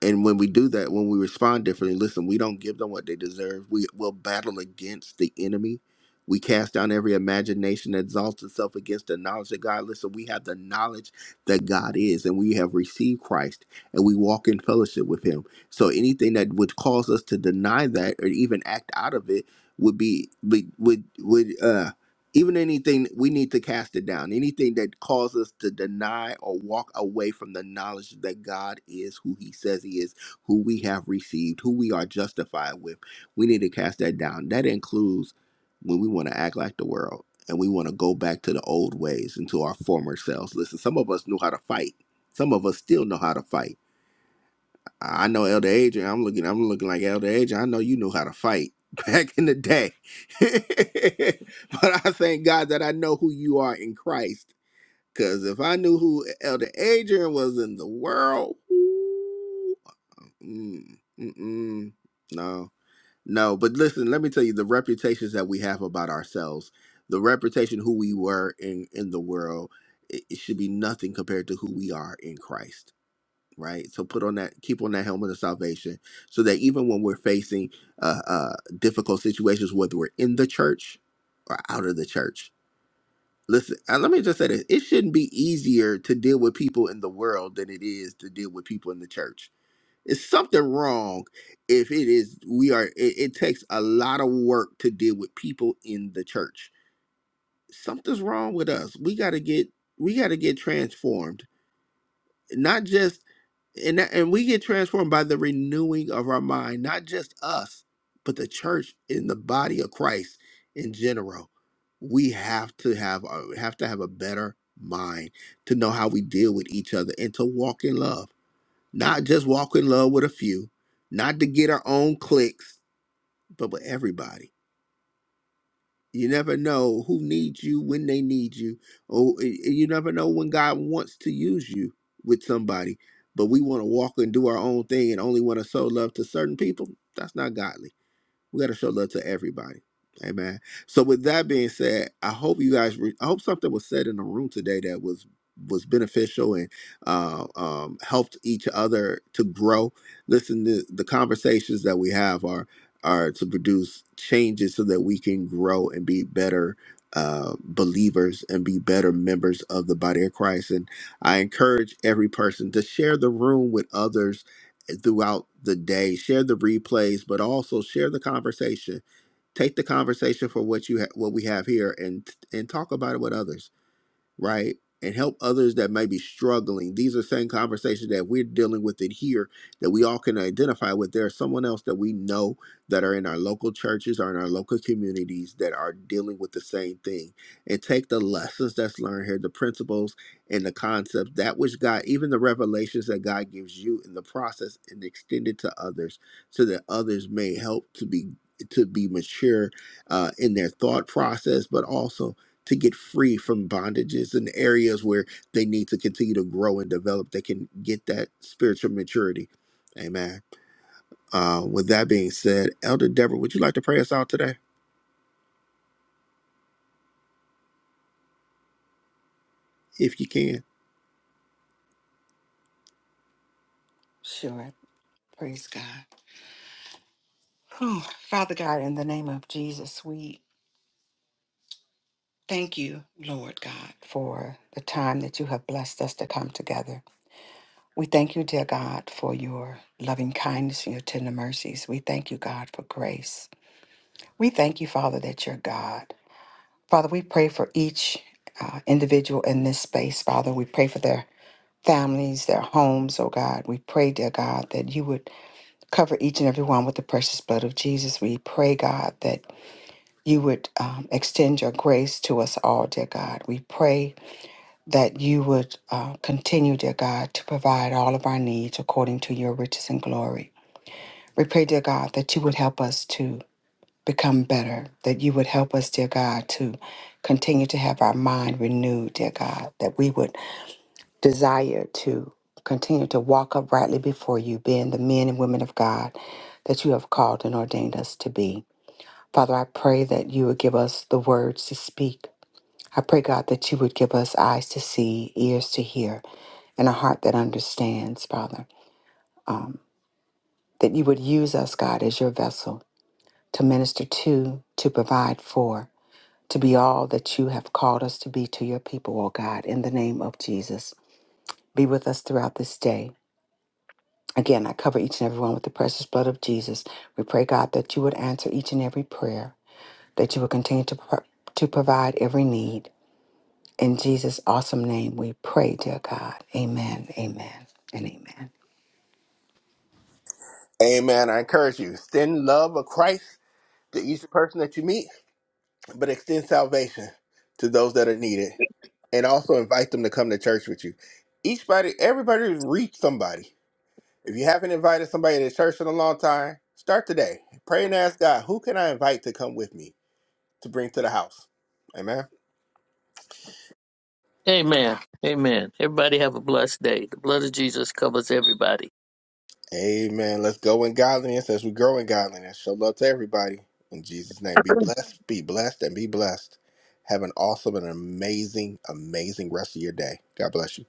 Speaker 1: And when we do that, when we respond differently, listen, we don't give them what they deserve. We will battle against the enemy. We cast down every imagination that exalts itself against the knowledge of God. Listen, we have the knowledge that God is, and we have received Christ, and we walk in fellowship with Him. So anything that would cause us to deny that or even act out of it would be would would would uh even anything, we need to cast it down. Anything that causes us to deny or walk away from the knowledge that God is who He says He is, who we have received, who we are justified with, we need to cast that down. That includes when we want to act like the world and we want to go back to the old ways and to our former selves. Listen, some of us knew how to fight, some of us still know how to fight I know Elder Adrian. I'm looking. I'm looking like Elder Adrian. I know you knew how to fight back in the day, but I thank God that I know who you are in Christ. Because if I knew who Elder Adrian was in the world, ooh, mm, mm-mm, no, no. But listen, let me tell you the reputations that we have about ourselves, the reputation who we were in in the world, it, it should be nothing compared to who we are in Christ right? So put on that, keep on that helmet of salvation, so that even when we're facing uh, uh, difficult situations, whether we're in the church or out of the church, listen. And let me just say this: it shouldn't be easier to deal with people in the world than it is to deal with people in the church. It's something wrong if it is. We are. It, it takes a lot of work to deal with people in the church. Something's wrong with us. We got to get. We got to get transformed not just and that, and we get transformed by the renewing of our mind, not just us, but the church in the body of Christ in general. We have to have a- have to have a better mind to know how we deal with each other and to walk in love, not just walk in love with a few, not to get our own clicks, but with everybody you never know who needs you when they need you, or y- y- you never know when God wants to use you with somebody. But we want to walk and do our own thing and only want to sow love to certain people. That's not godly. We got to show love to everybody. Amen. So with that being said, I hope you guys. Re- I hope something was said in the room today that was was beneficial and uh, um, helped each other to grow. Listen, the, the conversations that we have are are to produce changes so that we can grow and be better uh, believers and be better members of the body of Christ. And I encourage every person to share the room with others throughout the day. Share the replays, but also share the conversation. Take the conversation for what you ha- what we have here, and and talk about it with others right? And help others that may be struggling. These are same conversations that we're dealing with in here that we all can identify with. There's someone else that we know that are in our local churches or in our local communities that are dealing with the same thing. And take the lessons that's learned here, the principles and the concepts, that which God, even the revelations that God gives you in the process and extend it to others so that others may help to be to be mature uh, in their thought process, but also to get free from bondages and areas where they need to continue to grow and develop. They can get that spiritual maturity. Amen. Uh, with that being said, Elder Deborah, would you like to pray us out today, if you can?
Speaker 5: Sure. Praise God. Oh, Father God, in the name of Jesus, we thank you, Lord God, for the time that you have blessed us to come together. We thank you, dear God, for your loving kindness and your tender mercies. We thank you, God, for grace. We thank you, Father, that you're God. Father, we pray for each uh, individual in this space, Father. We pray for their families, their homes, oh God. We pray, dear God, that you would cover each and every one with the precious blood of Jesus. We pray, God, that you would um, extend your grace to us all, dear God. We pray that you would uh, continue, dear God, to provide all of our needs according to your riches and glory. We pray, dear God, that you would help us to become better, that you would help us, dear God, to continue to have our mind renewed, dear God, that we would desire to continue to walk uprightly before you, being the men and women of God that you have called and ordained us to be. Father, I pray that you would give us the words to speak. I pray, God, that you would give us eyes to see, ears to hear, and a heart that understands, Father. Um, that you would use us, God, as your vessel to minister to, to provide for, to be all that you have called us to be to your people, O God, in the name of Jesus. Be with us throughout this day. Again, I cover each and every one with the precious blood of Jesus. We pray, God, that you would answer each and every prayer, that you would continue to, pro- to provide every need. In Jesus' awesome name, we pray, dear God. Amen, amen, and amen.
Speaker 1: Amen. I encourage you. Extend love of Christ to each person that you meet, but extend salvation to those that are needed. And also invite them to come to church with you. Each body, everybody reach somebody. If you haven't invited somebody to church in a long time, start today. Pray and ask God, who can I invite to come with me to bring to the house? Amen.
Speaker 3: Amen. Amen. Everybody have a blessed day. The blood of Jesus covers everybody.
Speaker 1: Amen. Let's go in godliness as we grow in godliness. Show love to everybody. In Jesus' name, be blessed, be blessed, and be blessed. Have an awesome and amazing, amazing rest of your day. God bless you.